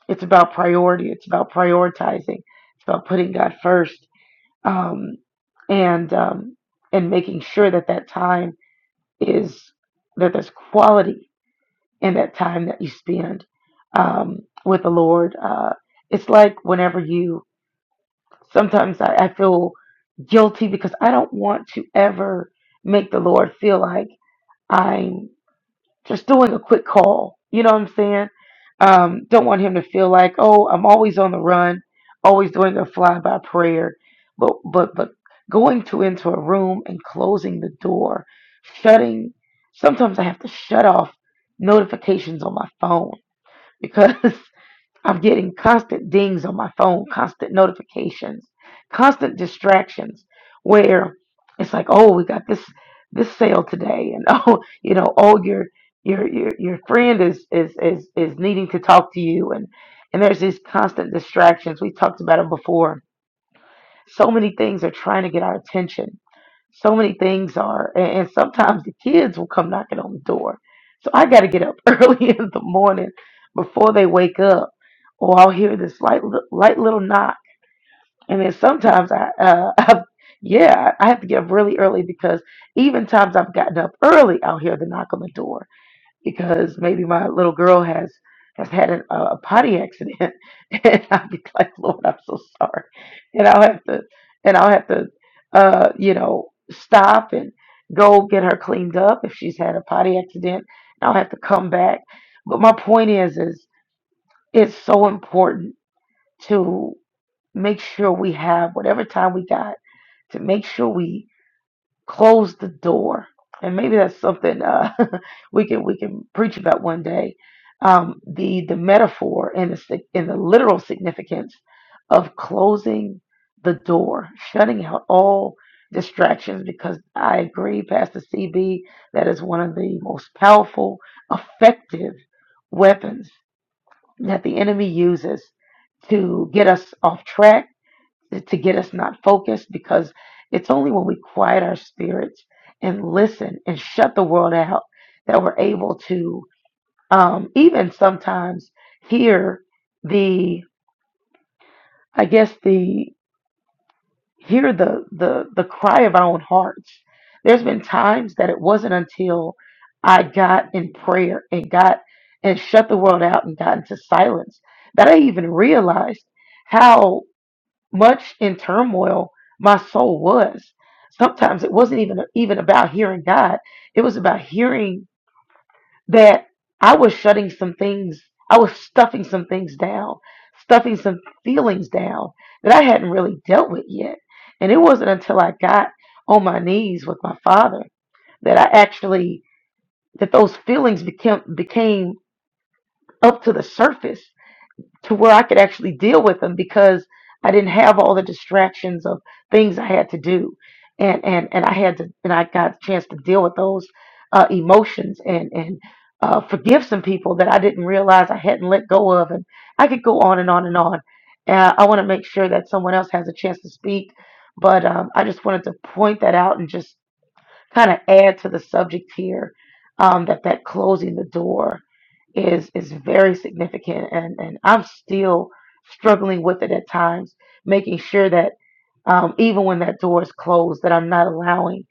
S4: it's about priority it's about prioritizing it's about putting God first um, and um, and making sure that that time is that there's quality in that time that you spend um, with the Lord. Uh, it's like whenever you, sometimes I, I feel guilty because I don't want to ever make the Lord feel like I'm just doing a quick call. You know what I'm saying? Um, don't want him to feel like, oh, I'm always on the run, always doing a fly by prayer. But but but going to into a room and closing the door, shutting sometimes I have to shut off notifications on my phone because I'm getting constant dings on my phone, constant notifications, constant distractions where it's like, oh, we got this this sale today and oh, you know, oh your your your your friend is is is is needing to talk to you and and there's these constant distractions. We talked about it before. So many things are trying to get our attention so many things are and, and sometimes the kids will come knocking on the door so i got to get up early in the morning before they wake up or i'll hear this light li- light little knock and then sometimes i uh I've, yeah i have to get up really early because even times i've gotten up early i'll hear the knock on the door because maybe my little girl has has had an, a, a potty accident, and I'll be like, Lord, I'm so sorry, and I'll have to and I'll have to uh, you know stop and go get her cleaned up if she's had a potty accident. And I'll have to come back. But my point is, is it's so important to make sure we have whatever time we got to make sure we close the door and maybe that's something uh, we can we can preach about one day um, the the metaphor and the sig- and the literal significance of closing the door shutting out all distractions because i agree pastor cb that is one of the most powerful effective weapons that the enemy uses to get us off track to get us not focused because it's only when we quiet our spirits and listen and shut the world out that we're able to um, even sometimes hear the i guess the hear the the the cry of our own hearts there's been times that it wasn't until i got in prayer and got and shut the world out and got into silence that i even realized how. much in turmoil my soul was. Sometimes it wasn't even even about hearing God. It was about hearing that I was shutting some things, I was stuffing some things down, stuffing some feelings down that I hadn't really dealt with yet. And it wasn't until I got on my knees with my father that I actually that those feelings became became up to the surface to where I could actually deal with them because I didn't have all the distractions of things I had to do, and and and I had to and I got a chance to deal with those uh, emotions and and uh, forgive some people that I didn't realize I hadn't let go of, and I could go on and on and on. Uh, I want to make sure that someone else has a chance to speak, but um, I just wanted to point that out and just kind of add to the subject here um, that that closing the door is is very significant and and I'm still struggling with it at times making sure that um, even when that door is closed that I'm not allowing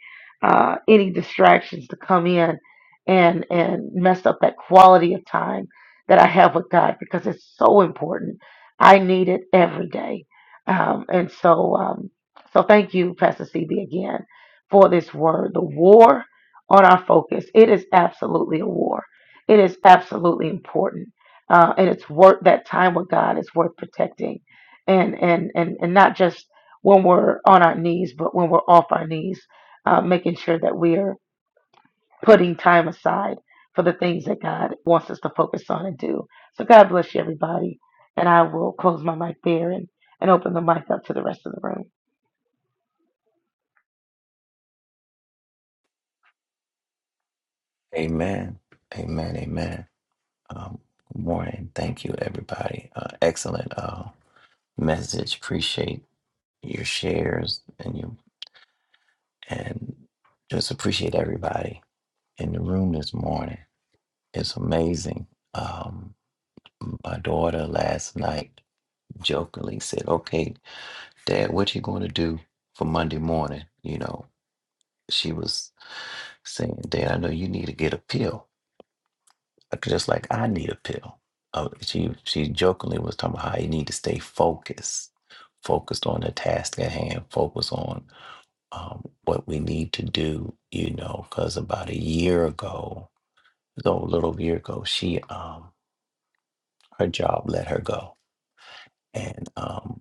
S4: uh, any distractions to come in and and mess up that quality of time that I have with God because it's so important I need it every day um, and so um, so thank you Pastor CB again for this word the war on our focus it is absolutely a war it is absolutely important, uh, and it's worth that time with God is worth protecting, and and and and not just when we're on our knees, but when we're off our knees, uh, making sure that we are putting time aside for the things that God wants us to focus on and do. So God bless you, everybody, and I will close my mic there and and open the mic up to the rest of the room.
S6: Amen. Amen. Amen. Um, good morning. Thank you, everybody. Uh, excellent uh, message. Appreciate your shares and you and just appreciate everybody in the room this morning. It's amazing. Um, my daughter last night jokingly said, "Okay, Dad, what you going to do for Monday morning? You know, she was saying, Dad, I know you need to get a pill, like, just like I need a pill. Uh, she she jokingly was talking about how you need to stay focused, focused on the task at hand, focused on um, what we need to do. You know, because about a year ago, so a little year ago, she um her job let her go, and um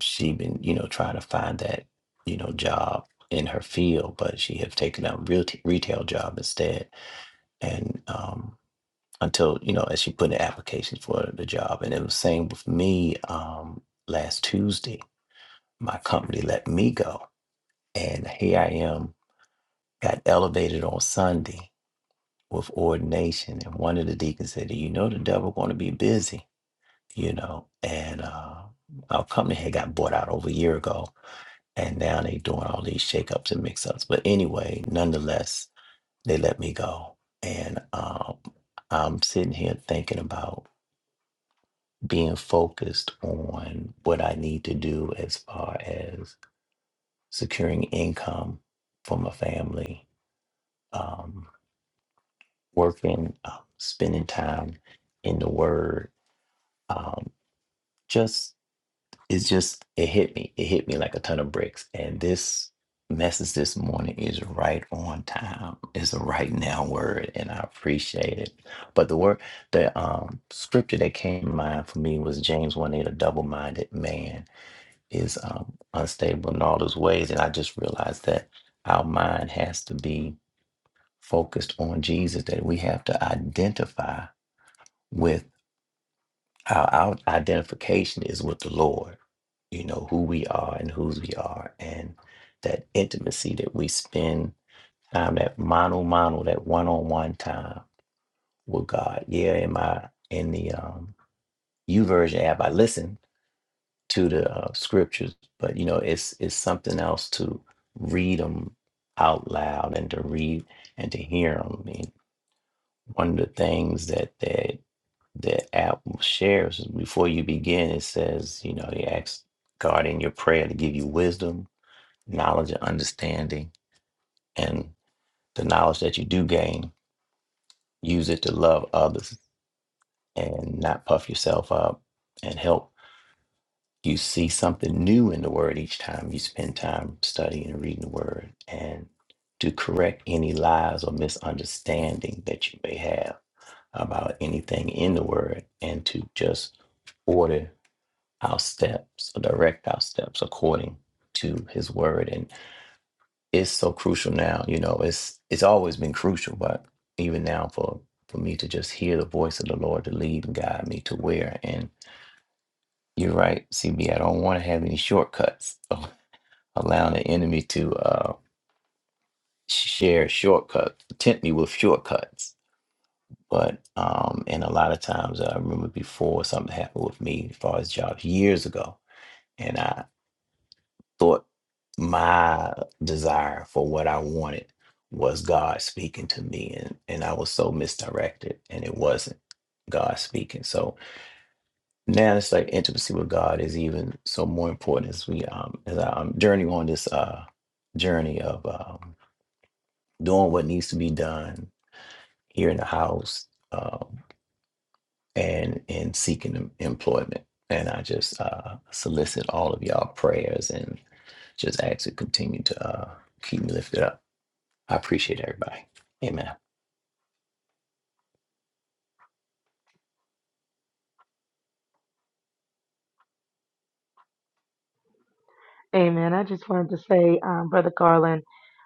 S6: she been you know trying to find that you know job in her field but she have taken a real t- retail job instead and um until you know as she put in applications for the job and it was same with me um last tuesday my company let me go and here i am got elevated on sunday with ordination and one of the deacons said you know the devil going to be busy you know and uh our company had got bought out over a year ago and now they doing all these shakeups and mix-ups. But anyway, nonetheless, they let me go, and um, I'm sitting here thinking about being focused on what I need to do as far as securing income for my family, um, working, uh, spending time in the Word, um, just it's just it hit me. It hit me like a ton of bricks. And this message this morning is right on time. It's a right now word, and I appreciate it. But the word, the um, scripture that came to mind for me was James one eight. A double minded man is um, unstable in all his ways, and I just realized that our mind has to be focused on Jesus. That we have to identify with. Our, our identification is with the Lord, you know, who we are and whose we are, and that intimacy that we spend time, that mano mano, that one on one time with God. Yeah, in my in the um U version app, I listen to the uh, scriptures, but you know, it's it's something else to read them out loud and to read and to hear them. I mean, one of the things that that the app shares before you begin, it says, you know, you ask God in your prayer to give you wisdom, knowledge, and understanding. And the knowledge that you do gain, use it to love others and not puff yourself up and help you see something new in the word each time you spend time studying and reading the word and to correct any lies or misunderstanding that you may have about anything in the word and to just order our steps or direct our steps according to his word and it's so crucial now you know it's it's always been crucial but even now for for me to just hear the voice of the lord to lead and guide me to where and you're right cb i don't want to have any shortcuts so allowing the enemy to uh share shortcuts tempt me with shortcuts but um and a lot of times i remember before something happened with me as far as jobs years ago and I. thought my desire for what I wanted was God speaking to me and, and I was so misdirected and it wasn't God speaking. So now it's like intimacy with God is even so more important as we um as I'm journeying on this uh journey of um doing what needs to be done here in the house um, and in seeking em- employment. And I just uh, solicit all of y'all prayers and just ask to continue to uh, keep me lifted up. I appreciate everybody. Amen.
S4: Amen. I just wanted to say, um, Brother Garland.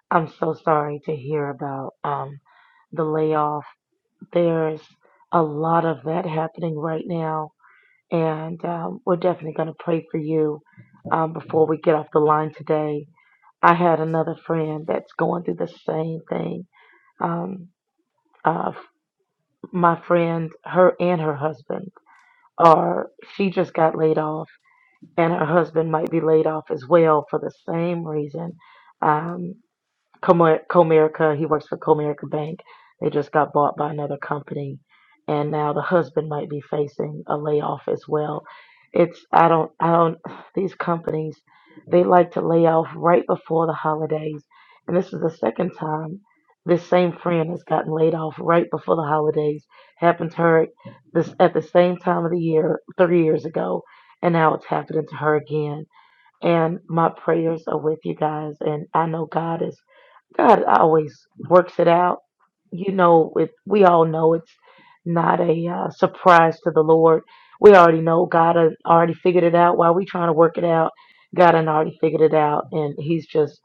S4: I'm so sorry to hear about um, the layoff. There's a lot of that happening right now, and um, we're definitely going to pray for you um, before we get off the line today. I had another friend that's going through the same thing. Um, uh, f- my friend, her and her husband are, she just got laid off, and her husband might be laid off as well for the same reason. Um, Comer- Comerica. He works for Comerica Bank. They just got bought by another company, and now the husband might be facing a layoff as well. It's I don't I don't these companies they like to lay off right before the holidays, and this is the second time this same friend has gotten laid off right before the holidays. Happened to her this at the same time of the year three years ago, and now it's happening to her again. And my prayers are with you guys, and I know God is God always works it out. You know, it, we all know it's not a uh, surprise to the Lord. We already know God has already figured it out. While we trying to work it out, God had already figured it out, and He's just,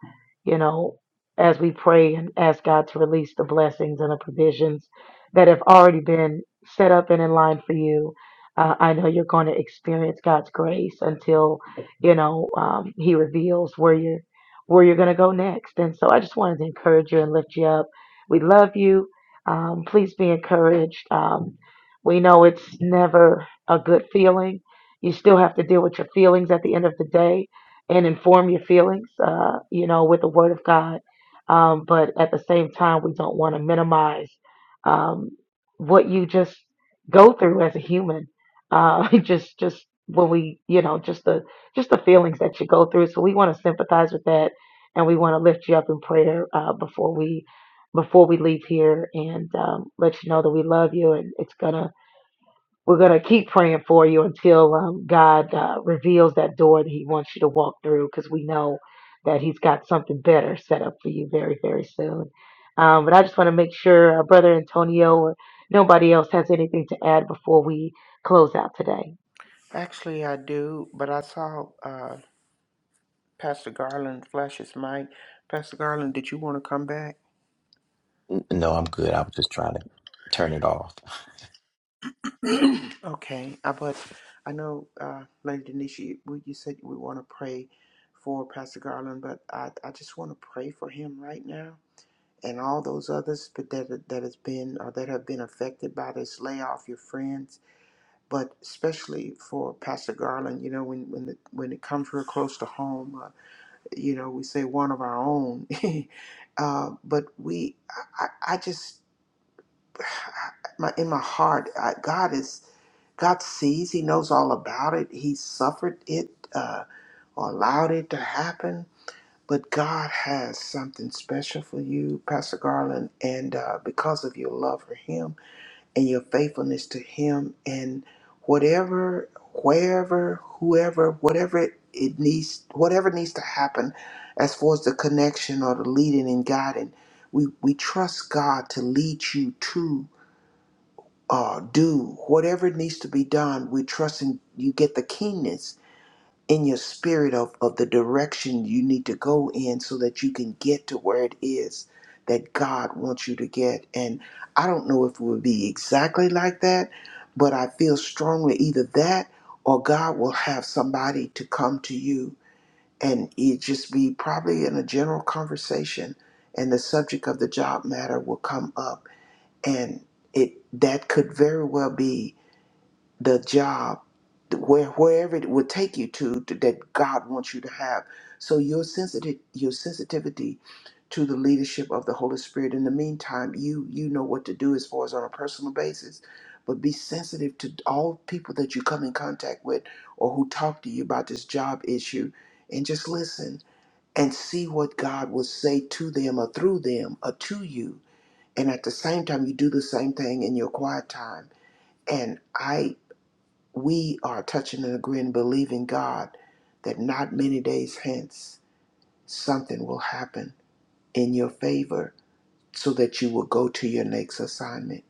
S4: you know, as we pray and ask God to release the blessings and the provisions that have already been set up and in line for you. Uh, I know you're going to experience God's grace until, you know, um, He reveals where you're where you're going to go next. And so I just wanted to encourage you and lift you up. We love you. Um, please be encouraged. Um, we know it's never a good feeling. You still have to deal with your feelings at the end of the day and inform your feelings, uh, you know, with the Word of God. Um, but at the same time, we don't want to minimize um, what you just go through as a human. Uh, just, just when we, you know, just the just the feelings that you go through. So we want to sympathize with that and we want to lift you up in prayer uh, before we before we leave here and um, let you know that we love you and it's gonna we're gonna keep praying for you until um, God uh, reveals that door that He wants you to walk through because we know that He's got something better set up for you very very soon. Um, but I just want to make sure uh, Brother Antonio or nobody else has anything to add before we close out today.
S3: Actually, I do, but I saw uh, Pastor Garland flash his mic. Pastor Garland, did you want to come back?
S6: N- No, I'm good. I was just trying to turn it off.
S3: okay, I, but I know, uh, Lady Denisha, you, we- you said we want to pray for Pastor Garland, but I, I just want to pray for him right now and all those others that that has been or that have been affected by this layoff. Your friends. but especially for Pastor Garland, you know, when when the, when it comes real close to home, uh, you know, we say one of our own, uh, but we, I, I I just, my in my heart, I, God is God sees, He knows all about it. He suffered it uh, or allowed it to happen. But God has something special for you, Pastor Garland, and uh, because of your love for Him, and your faithfulness to him and whatever wherever whoever whatever it, it needs whatever needs to happen as far as the connection or the leading and guiding we we trust god to lead you to uh, do whatever needs to be done. We trust in you get the keenness in your spirit of, of the direction you need to go in so that you can get to where it is that God wants you to get. And I don't know if it would be exactly like that, but I feel strongly either that or God will have somebody to come to you and it just be probably in a general conversation and the subject of the job matter will come up and it that could very well be the job where wherever it would take you to, to- that God wants you to have. So your sensitive your sensitivity to the leadership of the Holy Spirit. In the meantime, you you know what to do as far as on a personal basis, but be sensitive to all people that you come in contact with or who talk to you about this job issue and just listen and see what God will say to them or through them or to you. And at the same time you do the same thing in your quiet time. And I we are touching and agreeing, believing God that not many days hence something will happen in your favor so that you will go to your next assignment.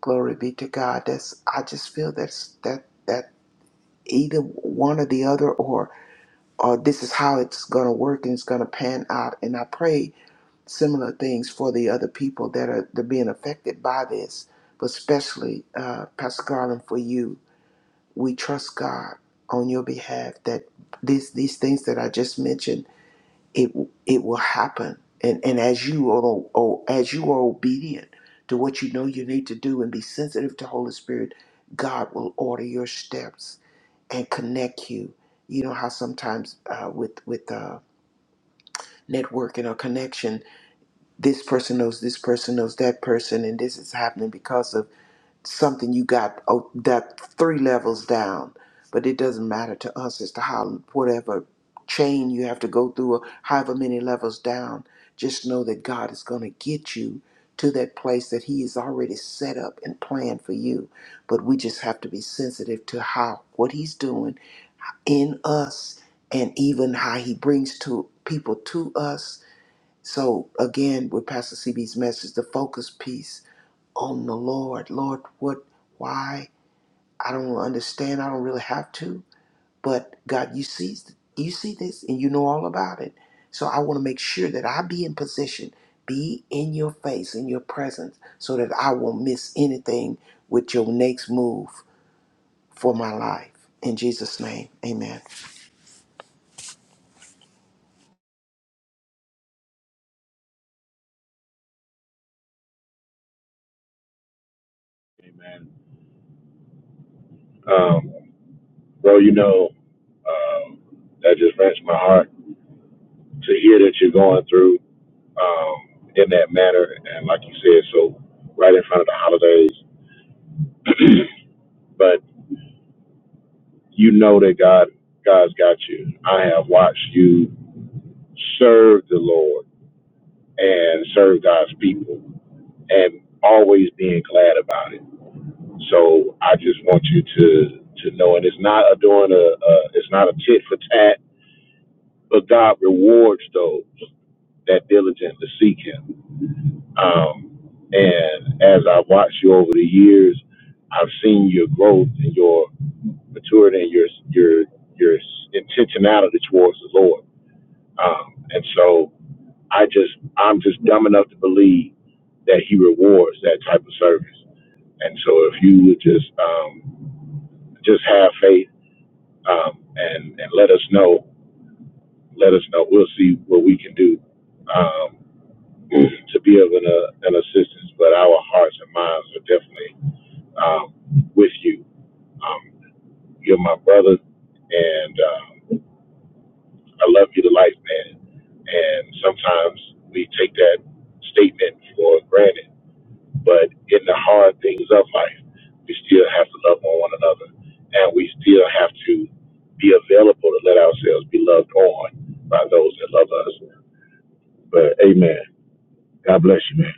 S3: Glory be to God. That's I just feel that's that that either one or the other or or this is how it's gonna work and it's gonna pan out. And I pray similar things for the other people that are that are being affected by this, but especially uh, Pastor Garland for you we trust God on your behalf that these these things that I just mentioned it it will happen and and as you are oh, as you are obedient to what you know you need to do and be sensitive to Holy Spirit God will order your steps and connect you you know how sometimes uh, with with uh, networking or connection this person knows this person knows that person and this is happening because of something you got oh, that three levels down, but it doesn't matter to us as to how whatever chain you have to go through, or however many levels down. Just know that God is going to get you to that place that He has already set up and planned for you. But we just have to be sensitive to how what He's doing in us, and even how He brings to people to us so again, with Pastor CB's message, the focus piece on the Lord. Lord, what, why? I don't understand. I don't really have to, but God, you see, you see this, and you know all about it. So I want to make sure that I be in position, be in your face, in your presence, so that I won't miss anything with your next move for my life. In Jesus' name, Amen.
S2: Amen. Um, bro, you know, um, that just wrenched my heart to hear that you're going through um, in that manner. And like you said, so right in front of the holidays. but you know that God, God's got you. I have watched you serve the Lord and serve God's people and always being glad about it. So I just want you to to know, and it's not a doing a, a it's not a tit for tat, but God rewards those that diligently seek Him. Um, and as I've watched you over the years, I've seen your growth and your maturity and your your your intentionality towards the Lord. Um, and so I just I'm just dumb enough to believe that he rewards that type of service. And so if you would just um, just have faith um, and and let us know, let us know. We'll see what we can do um, to be of an, uh, an assistance. But our hearts and minds are definitely um, with you. Um, you're my brother, and um, I love you to life, man. And sometimes we take that statement for granted But in the hard things of life, we still have to love on one another. And we still have to be available to let ourselves be loved on by those that love us. But amen. God bless you, man.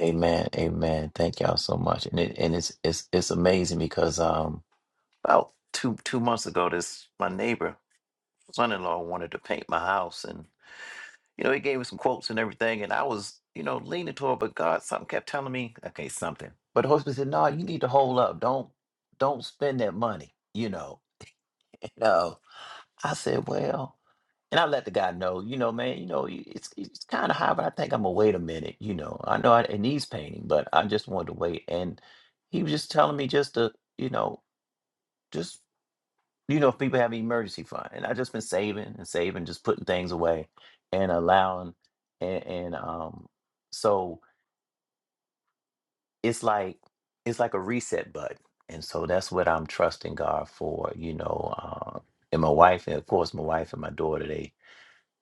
S6: Amen. Amen. Thank y'all so much. And it and it's it's it's amazing because um about two two months ago, this my neighbor son in law wanted to paint my house and. You know, he gave me some quotes and everything, and I was, you know, leaning toward, but God, something kept telling me, okay, something. But the Holy Spirit said, no, you need to hold up. Don't, don't spend that money. You know, no. I said, well, and I let the guy know, you know, man, you know, y- it's it's kind of high, but I think I'm gonna wait a minute. You know, I know I, it needs painting, but I just wanted to wait. And he was just telling me just to, you know, just you know, if people have an emergency fund, and I've just been saving and saving, just putting things away and allowing, and, and um, so it's like it's like a reset button, and so that's what I'm trusting God for, you know. Uh, and my wife, and of course, my wife and my daughter, they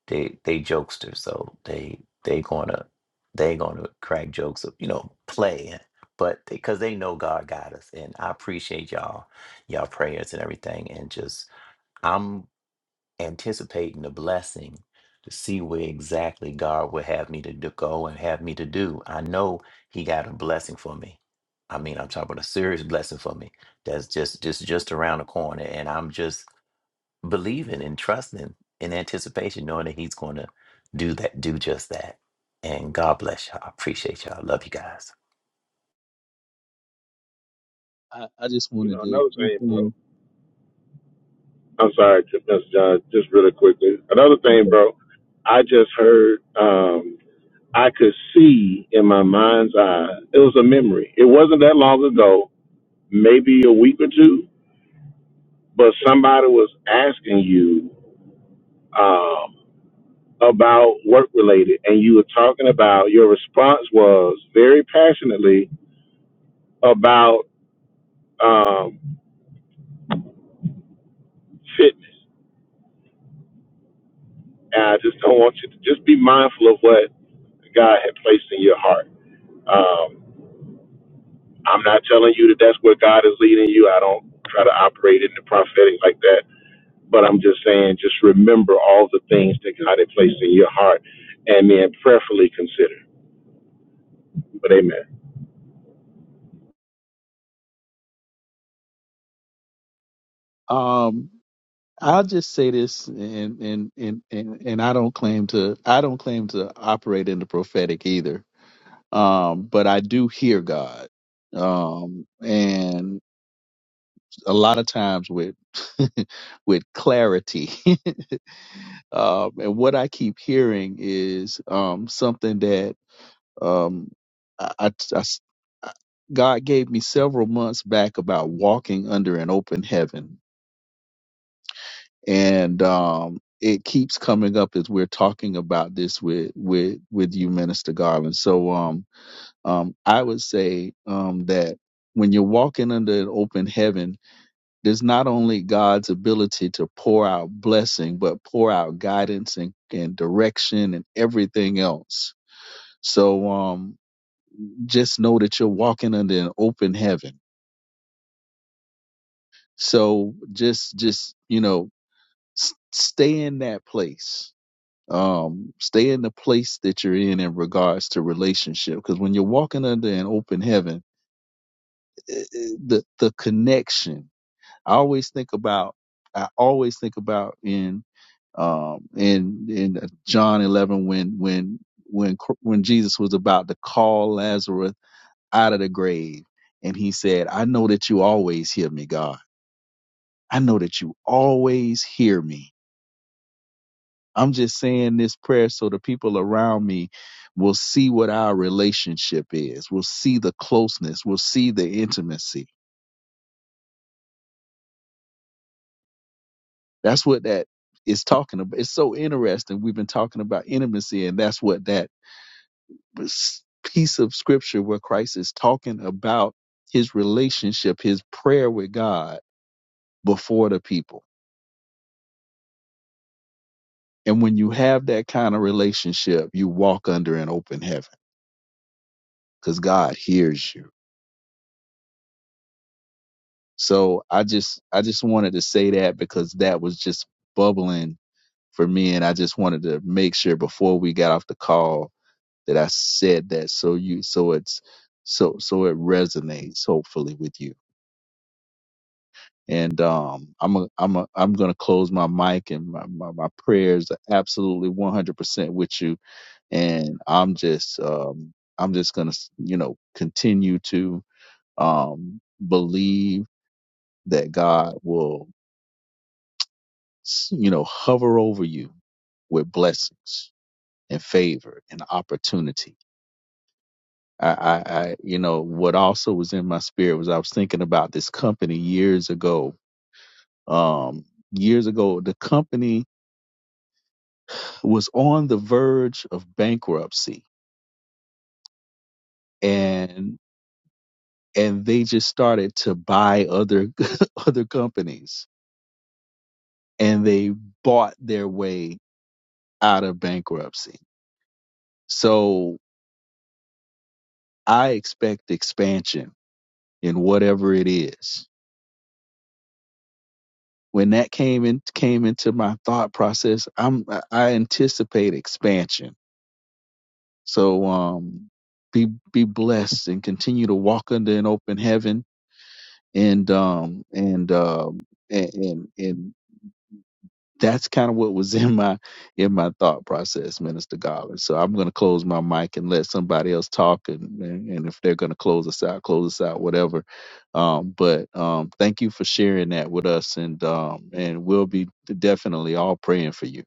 S6: they they jokesters, so they they gonna they gonna crack jokes of you know play, but because they know God got us, and I appreciate y'all, y'all prayers and everything, and just. I'm. anticipating the blessing to see where exactly God would have me to do, go and have me to do. I know He got a blessing for me. I mean, I'm talking about a serious blessing for me. That's just just just around the corner, and I'm just believing and trusting in anticipation, knowing that He's going to do that, do just that. And God bless y'all. I appreciate y'all. Love you guys.
S5: I, I just
S2: You
S5: wanted
S2: know,
S5: to
S2: another
S5: jump
S2: thing, bro.
S5: in.
S2: I'm sorry, Mr. John, just really quickly. Another thing,
S5: Okay.
S2: bro. I just heard, um, I could see in my mind's eye, it was a memory. It wasn't that long ago, maybe a week or two, but somebody was asking you, um, about work related and you were talking about your response was very passionately about um, fitness and i just don't want you to just be mindful of what god had placed in your heart um, i'm not telling you that that's where god is leading you i don't try to operate in the prophetic like that but i'm just saying just remember all the things that god had placed in your heart and then prayerfully consider but amen
S5: Um, I'll just say this, and and and and and I don't claim to I don't claim to operate in the prophetic either. Um, but I do hear God, um, and a lot of times with with clarity. um, and what I keep hearing is um, something that um, I, I- I s- I- God gave me several months back about walking under an open heaven and um, it keeps coming up as we're talking about this with with with you, Minister Garland. So um, um, I would say um, that when you're walking under an open heaven, there's not only God's ability to pour out blessing, but pour out guidance and, and direction and everything else. So um, just know that you're walking under an open heaven. So just just you know s- stay in that place um, stay in the place that you're in in regards to relationship. Because when you're walking under an open heaven, eh, eh, the the connection. I always think about. I always think about in um, in in uh, John 11 when when when Cr- when Jesus was about to call Lazarus out of the grave, and he said, "I know that you always hear me, God. I know that you always hear me." I'm just saying this prayer so the people around me will see what our relationship is, will see the closeness, will see the intimacy. That's what that is talking about. It's so interesting. We've been talking about intimacy, and that's what that s- piece of scripture where Christ is talking about his relationship, his prayer with God before the people. And when you have that kind of relationship, you walk under an open heaven because God hears you So I just I just wanted to say that because that was just bubbling for me and I just wanted to make sure before we got off the call that I said that so you so it's so so it resonates hopefully with you. And um I'm a, I'm a, I'm going to close my mic and my, my, my prayers are absolutely 100% with you and I'm just um I'm just going to you know continue to um believe that God will you know, hover over you with blessings and favor and opportunity. I, I, I, you know, what also was in my spirit was I was thinking about this company years ago. Um, years ago, the company was on the verge of bankruptcy, and and they just started to buy other other companies, and they bought their way out of bankruptcy. So I expect expansion in whatever it is. When that came in came into my thought process, I'm I anticipate expansion. So um be be blessed and continue to walk under an open heaven and um and um and and, and that's kind of what was in my in my thought process, Minister Garland. So I'm going to close my mic and let somebody else talk, and and and if they're going to close us out, close us out, whatever. Um, but um, thank you for sharing that with us, and um, and we'll be definitely all praying for you.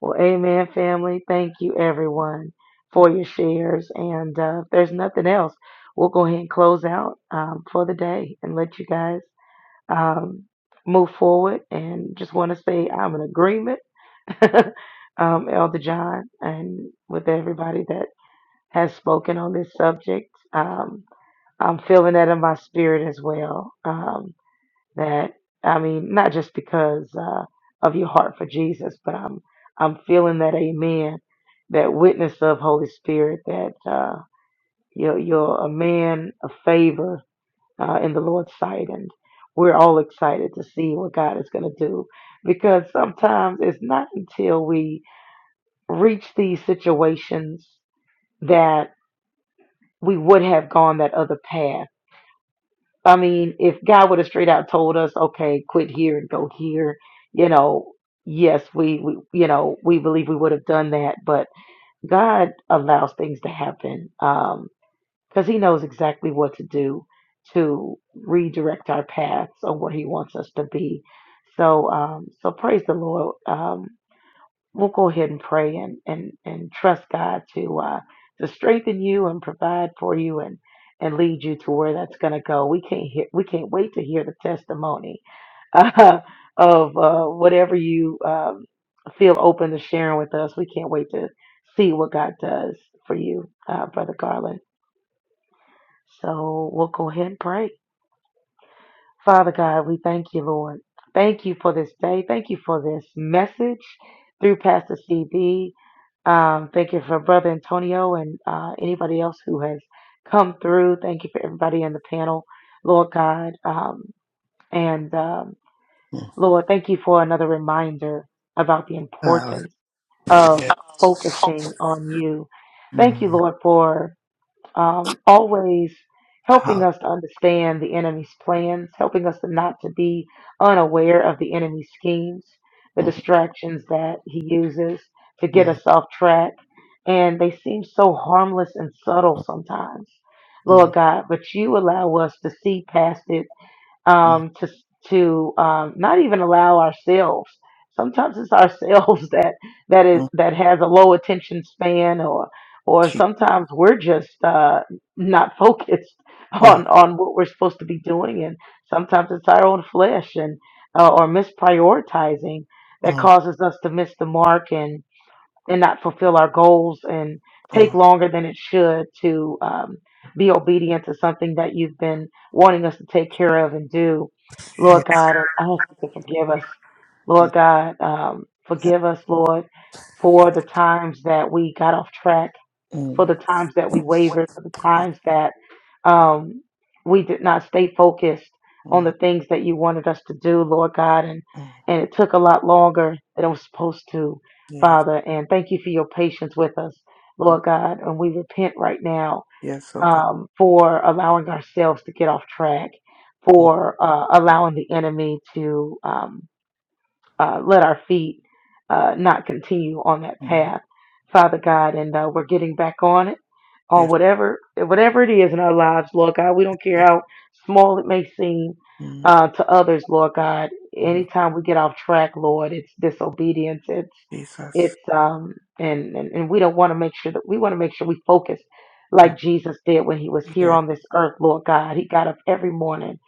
S4: Well, amen, family. Thank you, everyone, for your shares. And uh, if there's nothing else, we'll go ahead and close out um, for the day and let you guys um, move forward. And just want to say I'm in agreement. um, Elder John, and with everybody that has spoken on this subject. Um, I'm feeling that in my spirit as well. Um, that I mean, not just because uh, of your heart for Jesus, but I'm I'm feeling that Amen, that witness of Holy Spirit, that uh, you're you're a man of favor uh, in the Lord's sight, and we're all excited to see what God is going to do, because sometimes it's not until we reach these situations that we would have gone that other path. I mean, if God would have straight out told us, okay, quit here and go here, you know, yes, we, we you know, we believe we would have done that, but God allows things to happen um, because He knows exactly what to do to redirect our paths on where He wants us to be. So, um, so praise the Lord. Um, we'll go ahead and pray and and and trust God to uh, to strengthen you and provide for you and and lead you to where that's going to go. We can't hear, we can't wait to hear the testimony uh, of uh, whatever you um, feel open to sharing with us. We can't wait to see what God does for you, uh, Brother Garland. So we'll go ahead and pray. Father God, we thank you, Lord. Thank you for this day. Thank you for this message through Pastor CB. Um, thank you for Brother Antonio and uh, anybody else who has come through. Thank you for everybody in the panel, Lord God. Um, and um,
S3: Mm.
S4: Lord, thank you for another reminder about the
S3: Hallelujah.
S4: importance of focusing on you. Thank you,
S3: Mm.
S4: Lord, for um, always helping
S3: Hallelujah.
S4: us to understand the enemy's plans, helping us to not to be unaware of the enemy's schemes, the
S3: Mm,
S4: distractions that he uses to get us
S3: mm,
S4: off track. And they seem so harmless and subtle sometimes, Lord
S3: mm,
S4: God, but you allow us to see past it
S3: mm,
S4: um, to to um, not even allow ourselves. Sometimes it's ourselves that that is
S3: mm.
S4: that has a low attention span, or or sometimes we're just uh, not focused
S3: Mm,
S4: on on what we're supposed to be doing, and sometimes it's our own flesh and uh, or misprioritizing that
S3: mm,
S4: causes us to miss the mark and and not fulfill our goals and take
S3: mm,
S4: longer than it should to um, be obedient to something that you've been wanting us to take care of and do. Lord God, I ask you to forgive us.
S3: mm,
S4: Lord
S3: mm,
S4: God, um,
S3: yeah,
S4: forgive us, Lord, for the times that we got off track for
S3: mm,
S4: the times that we wavered, for the
S3: God,
S4: times that um, we did not stay focused on the
S3: mm,
S4: things that you wanted us to do, Lord God. And,
S3: mm,
S4: and it took a lot longer than it was supposed to,
S3: Yes,
S4: Father. And thank you for your patience with us,
S3: mm,
S4: Lord God. And we repent right now
S3: yes, oh God.
S4: um, for allowing ourselves to get off track,
S3: Mm,
S4: for uh, allowing the enemy to. um, uh, let our feet uh, not continue on that
S3: mm,
S4: path, Father God. And uh, we're getting back on it, on
S3: Yes,
S4: whatever whatever it is in our lives, Lord God. We
S3: yes,
S4: don't care
S3: oh God.
S4: how small it may seem
S3: Mm,
S4: uh, to others, Lord God.
S3: mm,
S4: Anytime we get off track, Lord, it's disobedience. It's
S3: Jesus.
S4: it's um and and, and we don't want to make sure that we want to make sure we focus
S3: Mm,
S4: like Jesus did when he was here
S3: Yeah.
S4: on this earth, Lord God. He got up every morning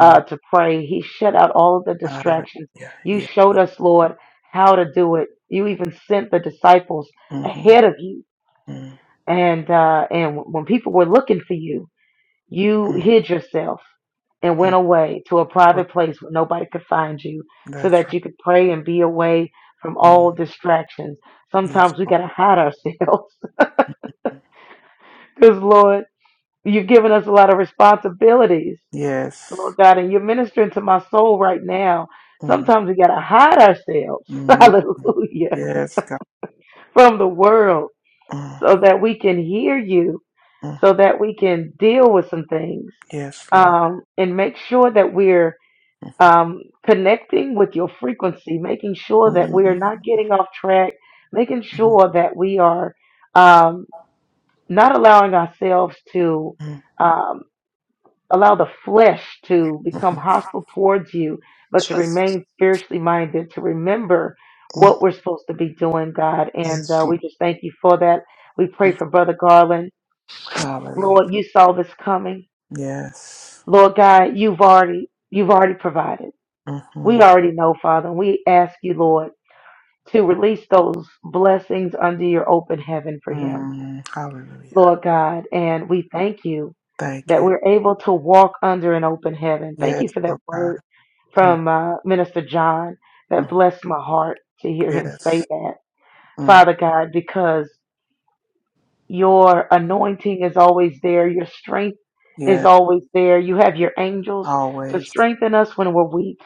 S4: uh, to pray. He shut out all of the distractions
S3: Hallelujah.
S4: you
S3: Yeah.
S4: showed us, Lord, how to do it. You even sent the disciples
S3: Mm-hmm.
S4: ahead of you.
S3: Mm,
S4: And uh, and when people were looking for you, you
S3: mm,
S4: hid yourself and
S3: mm.
S4: went away to a
S3: Lord,
S4: private place where nobody could find you so
S3: That's
S4: that
S3: right.
S4: you could pray and be away from all
S3: Mm,
S4: distractions.
S3: Yes,
S4: Sometimes we
S3: Lord.
S4: got to hide ourselves because, Lord, you've given us a lot of responsibilities, Lord
S3: Yes.
S4: God, and you're ministering to my soul right now.
S3: Mm,
S4: Sometimes we got to hide ourselves.
S3: mm, mm.
S4: Hallelujah
S3: Yes, God.
S4: from the world
S3: Mm,
S4: so that we can hear you,
S3: mm,
S4: so that we can deal with some things,
S3: Yes, Lord.
S4: um, and make sure that we're
S3: Mm,
S4: um, connecting with your frequency, making sure that
S3: mm,
S4: we are
S3: mm,
S4: not getting off track, making
S3: mm,
S4: sure that we are um, not allowing ourselves to.
S3: mm.
S4: um, allow the flesh to become
S3: mm.
S4: hostile towards you, but to
S3: Jesus.
S4: remain spiritually minded, to remember what
S3: Mm,
S4: we're supposed to be doing, God. And
S3: Yes,
S4: uh,
S3: Lord.
S4: we just thank you for that. We pray
S3: Mm,
S4: for Brother Garland.
S3: Hallelujah.
S4: Lord, you saw this coming.
S3: Yes.
S4: Lord God, you've already you've already provided. We
S3: Mm-hmm.
S4: already know, Father, and we ask you, Lord, to release those blessings under your open heaven for him.
S3: mm Hallelujah.
S4: Lord God, and we thank you
S3: Thank
S4: that
S3: you.
S4: we're able to walk under an open heaven. Thank
S3: Yes,
S4: you for that
S3: oh God.
S4: word
S3: Mm-hmm.
S4: from uh, Minister John that blessed my heart to hear him say
S3: Yes.
S4: that,
S3: Mm.
S4: Father God, because your anointing is always there, your strength is
S3: Yes.
S4: always there. You have your angels to
S3: Always.
S4: strengthen us when we're weak.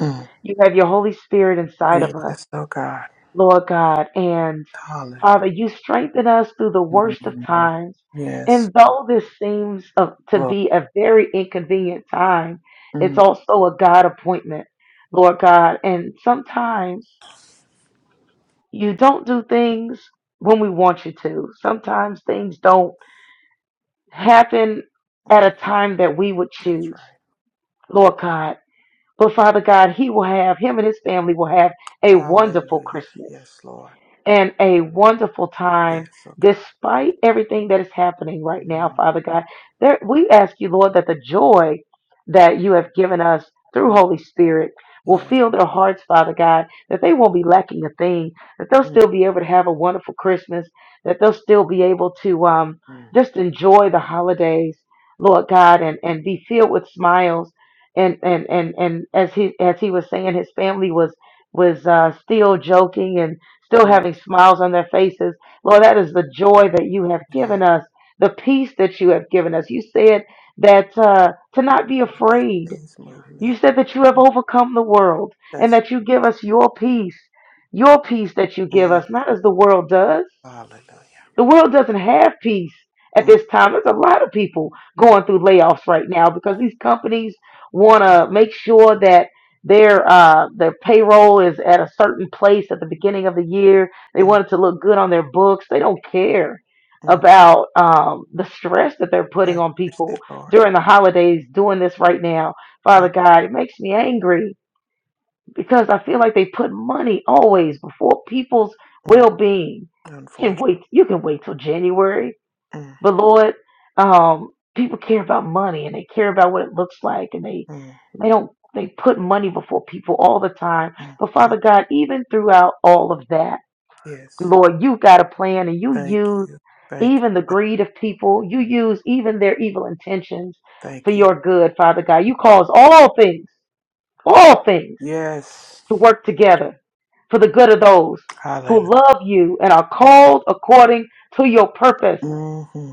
S3: Mm.
S4: You have your Holy Spirit inside of us
S3: Yes, oh God.
S4: Lord God. And
S3: Hallelujah.
S4: Father, you strengthen us through the worst of
S3: mm
S4: times.
S3: Yes,
S4: And though this seems of- to
S3: Lord.
S4: be a very inconvenient time, it's
S3: mm
S4: also a God appointment, Lord God. And sometimes you don't do things when we want you to. Sometimes things don't happen at a
S3: Mm.
S4: time that we would
S3: That's
S4: choose,
S3: right.
S4: Lord God. But Father God, He will have, Him and His family will have a wonderful
S3: Hallelujah.
S4: Christmas.
S3: Yes, Lord.
S4: and a wonderful time
S3: Yes, oh God.
S4: despite everything that is happening right now,
S3: mm
S4: Father God. There, we ask you, Lord, that the joy that you have given us through
S3: Mm.
S4: Holy Spirit will
S3: Yes.
S4: fill their hearts, Father God, that they won't be lacking a thing, that they'll
S3: mm
S4: still be able to have a wonderful Christmas, that they'll still be able to um,
S3: Mm.
S4: just enjoy the holidays, Lord God, and, and be filled with smiles. And, and and and as he as he was saying, his family was was uh, still joking and still
S3: mm
S4: having smiles on their faces. Lord, that is the
S3: mm.
S4: joy that you have
S3: Yes.
S4: given us, the peace that you have given us. You said that uh, to
S3: Mm.
S4: not be
S3: mm, These
S4: afraid.
S3: things move me.
S4: You said that you have overcome the world and
S3: That's
S4: that you give us your peace, your peace that you give
S3: mm
S4: us, not as the world does.
S3: Hallelujah.
S4: The world doesn't have peace at
S3: mm
S4: this time. There's a lot of people going through layoffs right now because these companies want to make sure that their uh, their payroll is at a certain place at the beginning of the year. They
S3: mm
S4: want it to look good on their books. They don't care
S3: mm.
S4: about um, the stress that they're putting
S3: I
S4: on
S3: praise the
S4: people
S3: Lord.
S4: during the holidays. Doing this right now,
S3: mm
S4: Father God, it makes me angry because I feel like they put money always before people's
S3: mm.
S4: well-being. You can
S3: Unfortunate.
S4: wait. You can wait till January,
S3: mm
S4: but Lord, um, people care about money and they care about what it looks like, and they
S3: mm
S4: they don't they put money before people all the time.
S3: mm.
S4: But Father God, even throughout all of that,
S3: Yes.
S4: Lord, you got a plan, and you
S3: Thank
S4: use
S3: you. Thank you.
S4: even the greed of people. You use even their evil intentions for
S3: Thank you.
S4: your good, Father God. You cause all things, all things
S3: Yes.
S4: to work together for the good of those
S3: Hallelujah.
S4: who love you and are
S3: Yes.
S4: called according to your purpose.
S3: hmm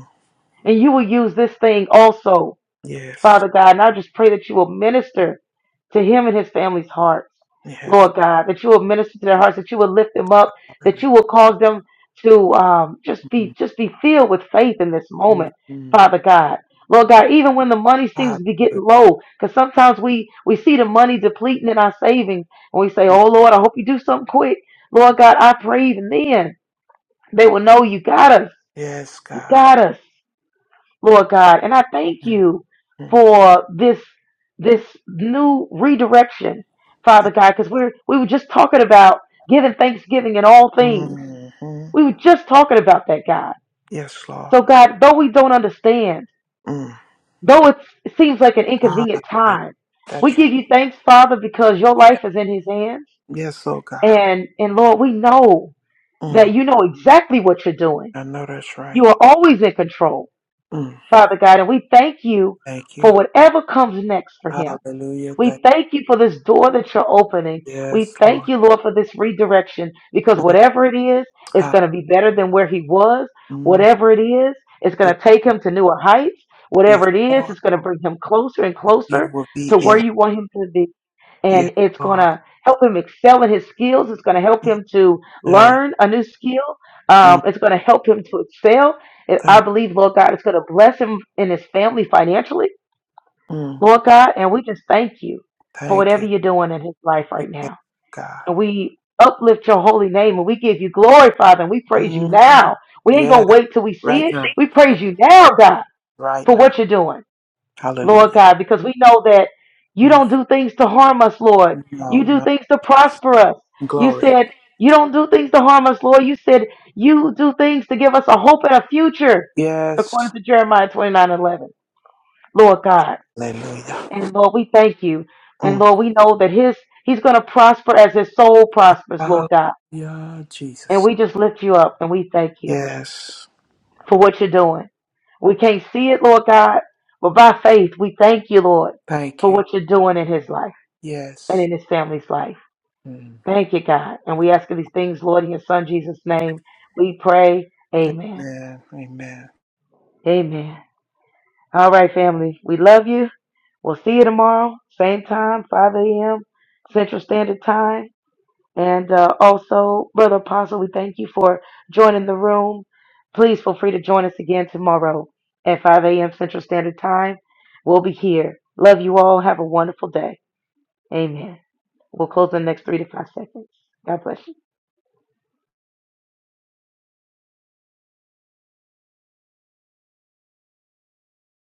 S4: And you will use this thing also.
S3: Yes.
S4: Father God. And I just pray that you will minister to him and his family's hearts,
S3: Yes.
S4: Lord God, that you will minister to their hearts, that you will lift them up, that
S3: Hallelujah.
S4: you will cause them to um, just be just be filled with faith in this moment,
S3: Mm-hmm.
S4: Father God. Lord God, even when the money seems to be
S3: Hallelujah.
S4: getting low, because sometimes we we see the money depleting in our savings, and we say, "Oh Lord, I hope you do something quick." Lord God, I pray even then they will know you got us,
S3: Yes,
S4: you
S3: God.
S4: got us. Lord God. And I thank you
S3: Mm-hmm.
S4: for this this new redirection, Father God, because we're we were just talking about giving thanksgiving in all things.
S3: hmm
S4: We were just talking about that, God.
S3: Yes,
S4: So
S3: Lord.
S4: God, though we don't understand,
S3: Mm.
S4: though it's, it seems like an inconvenient
S3: Hallelujah.
S4: time, we
S3: That's
S4: give
S3: right.
S4: you thanks, Father, because your life is in his hands.
S3: Yes, oh God.
S4: And and Lord, we know that
S3: Mm.
S4: you know exactly what you're doing.
S3: I know that's right.
S4: You are always in control.
S3: Mm.
S4: Father God, and we thank you
S3: Thank
S4: for
S3: you.
S4: whatever comes next for him.
S3: Hallelujah.
S4: We thank you for this door that you're opening. We
S3: Yes,
S4: thank
S3: Lord.
S4: you, Lord, for this redirection because
S3: Mm,
S4: whatever it is, it's
S3: ha,
S4: going to be better than where he was.
S3: mm,
S4: Whatever it is, it's going
S3: Yes,
S4: to take
S3: Lord.
S4: him to newer heights.
S3: Yes,
S4: Whatever it is,
S3: Lord.
S4: it's going to bring him closer and
S3: That You
S4: closer
S3: will be
S4: to where
S3: in. it.
S4: you want him to be
S3: Yes,
S4: and it's going
S3: Lord.
S4: to help him excel in his skills. It's going to help
S3: Mm,
S4: him to
S3: Hey.
S4: learn a new skill.
S3: mm,
S4: Um, it's going to help him to excel. And I
S3: Thank
S4: believe, Lord God, it's going to bless him and his family financially,
S3: you. Mm,
S4: Lord God. And we just thank you for
S3: Thank
S4: whatever
S3: you.
S4: you're doing in his life right
S3: Yes,
S4: now.
S3: God.
S4: And we uplift your holy name and we give you glory, Father, and we praise you
S3: Mm,
S4: now. We ain't
S3: Yes,
S4: going to wait till we see
S3: right
S4: it.
S3: now.
S4: We
S3: Right,
S4: praise you now, God,
S3: right
S4: for
S3: now.
S4: what you're doing. Lord
S3: Hallelujah.
S4: God, because we know that you
S3: Mm,
S4: don't do things to harm us, Lord.
S3: No,
S4: You do
S3: no.
S4: things to prosper us. You
S3: Glory.
S4: said, You don't do things to harm us, Lord. You said, You do things to give us a hope and a future,
S3: Yes.
S4: according to Jeremiah twenty-nine eleven. Lord God.
S3: Hallelujah.
S4: And Lord, we thank you. And
S3: Mm,
S4: Lord, we know that His He's going to prosper as His soul prospers, Lord God.
S3: Hallelujah,
S4: And
S3: Jesus.
S4: we just lift you up and we thank you
S3: Yes.
S4: for what you're doing. We can't see it, Lord God, but by faith, we thank you, Lord,
S3: Thank
S4: for
S3: you.
S4: what you're doing in His life. and
S3: Yes.
S4: in his family's life.
S3: Mm,
S4: Thank you, God. And we ask of these things, Lord, in your son Jesus' name. We pray. Amen.
S3: Amen. Amen.
S4: Amen. All right, family. We love you. We'll see you tomorrow, same time, 5 a.m. Central Standard Time. And uh, also, Brother Apostle, we thank you for joining the room. Please feel free to join us again tomorrow at 5 a.m. Central Standard Time. We'll be here. Love you all. Have a wonderful day. Amen. We'll close in the next three to five seconds. God bless you.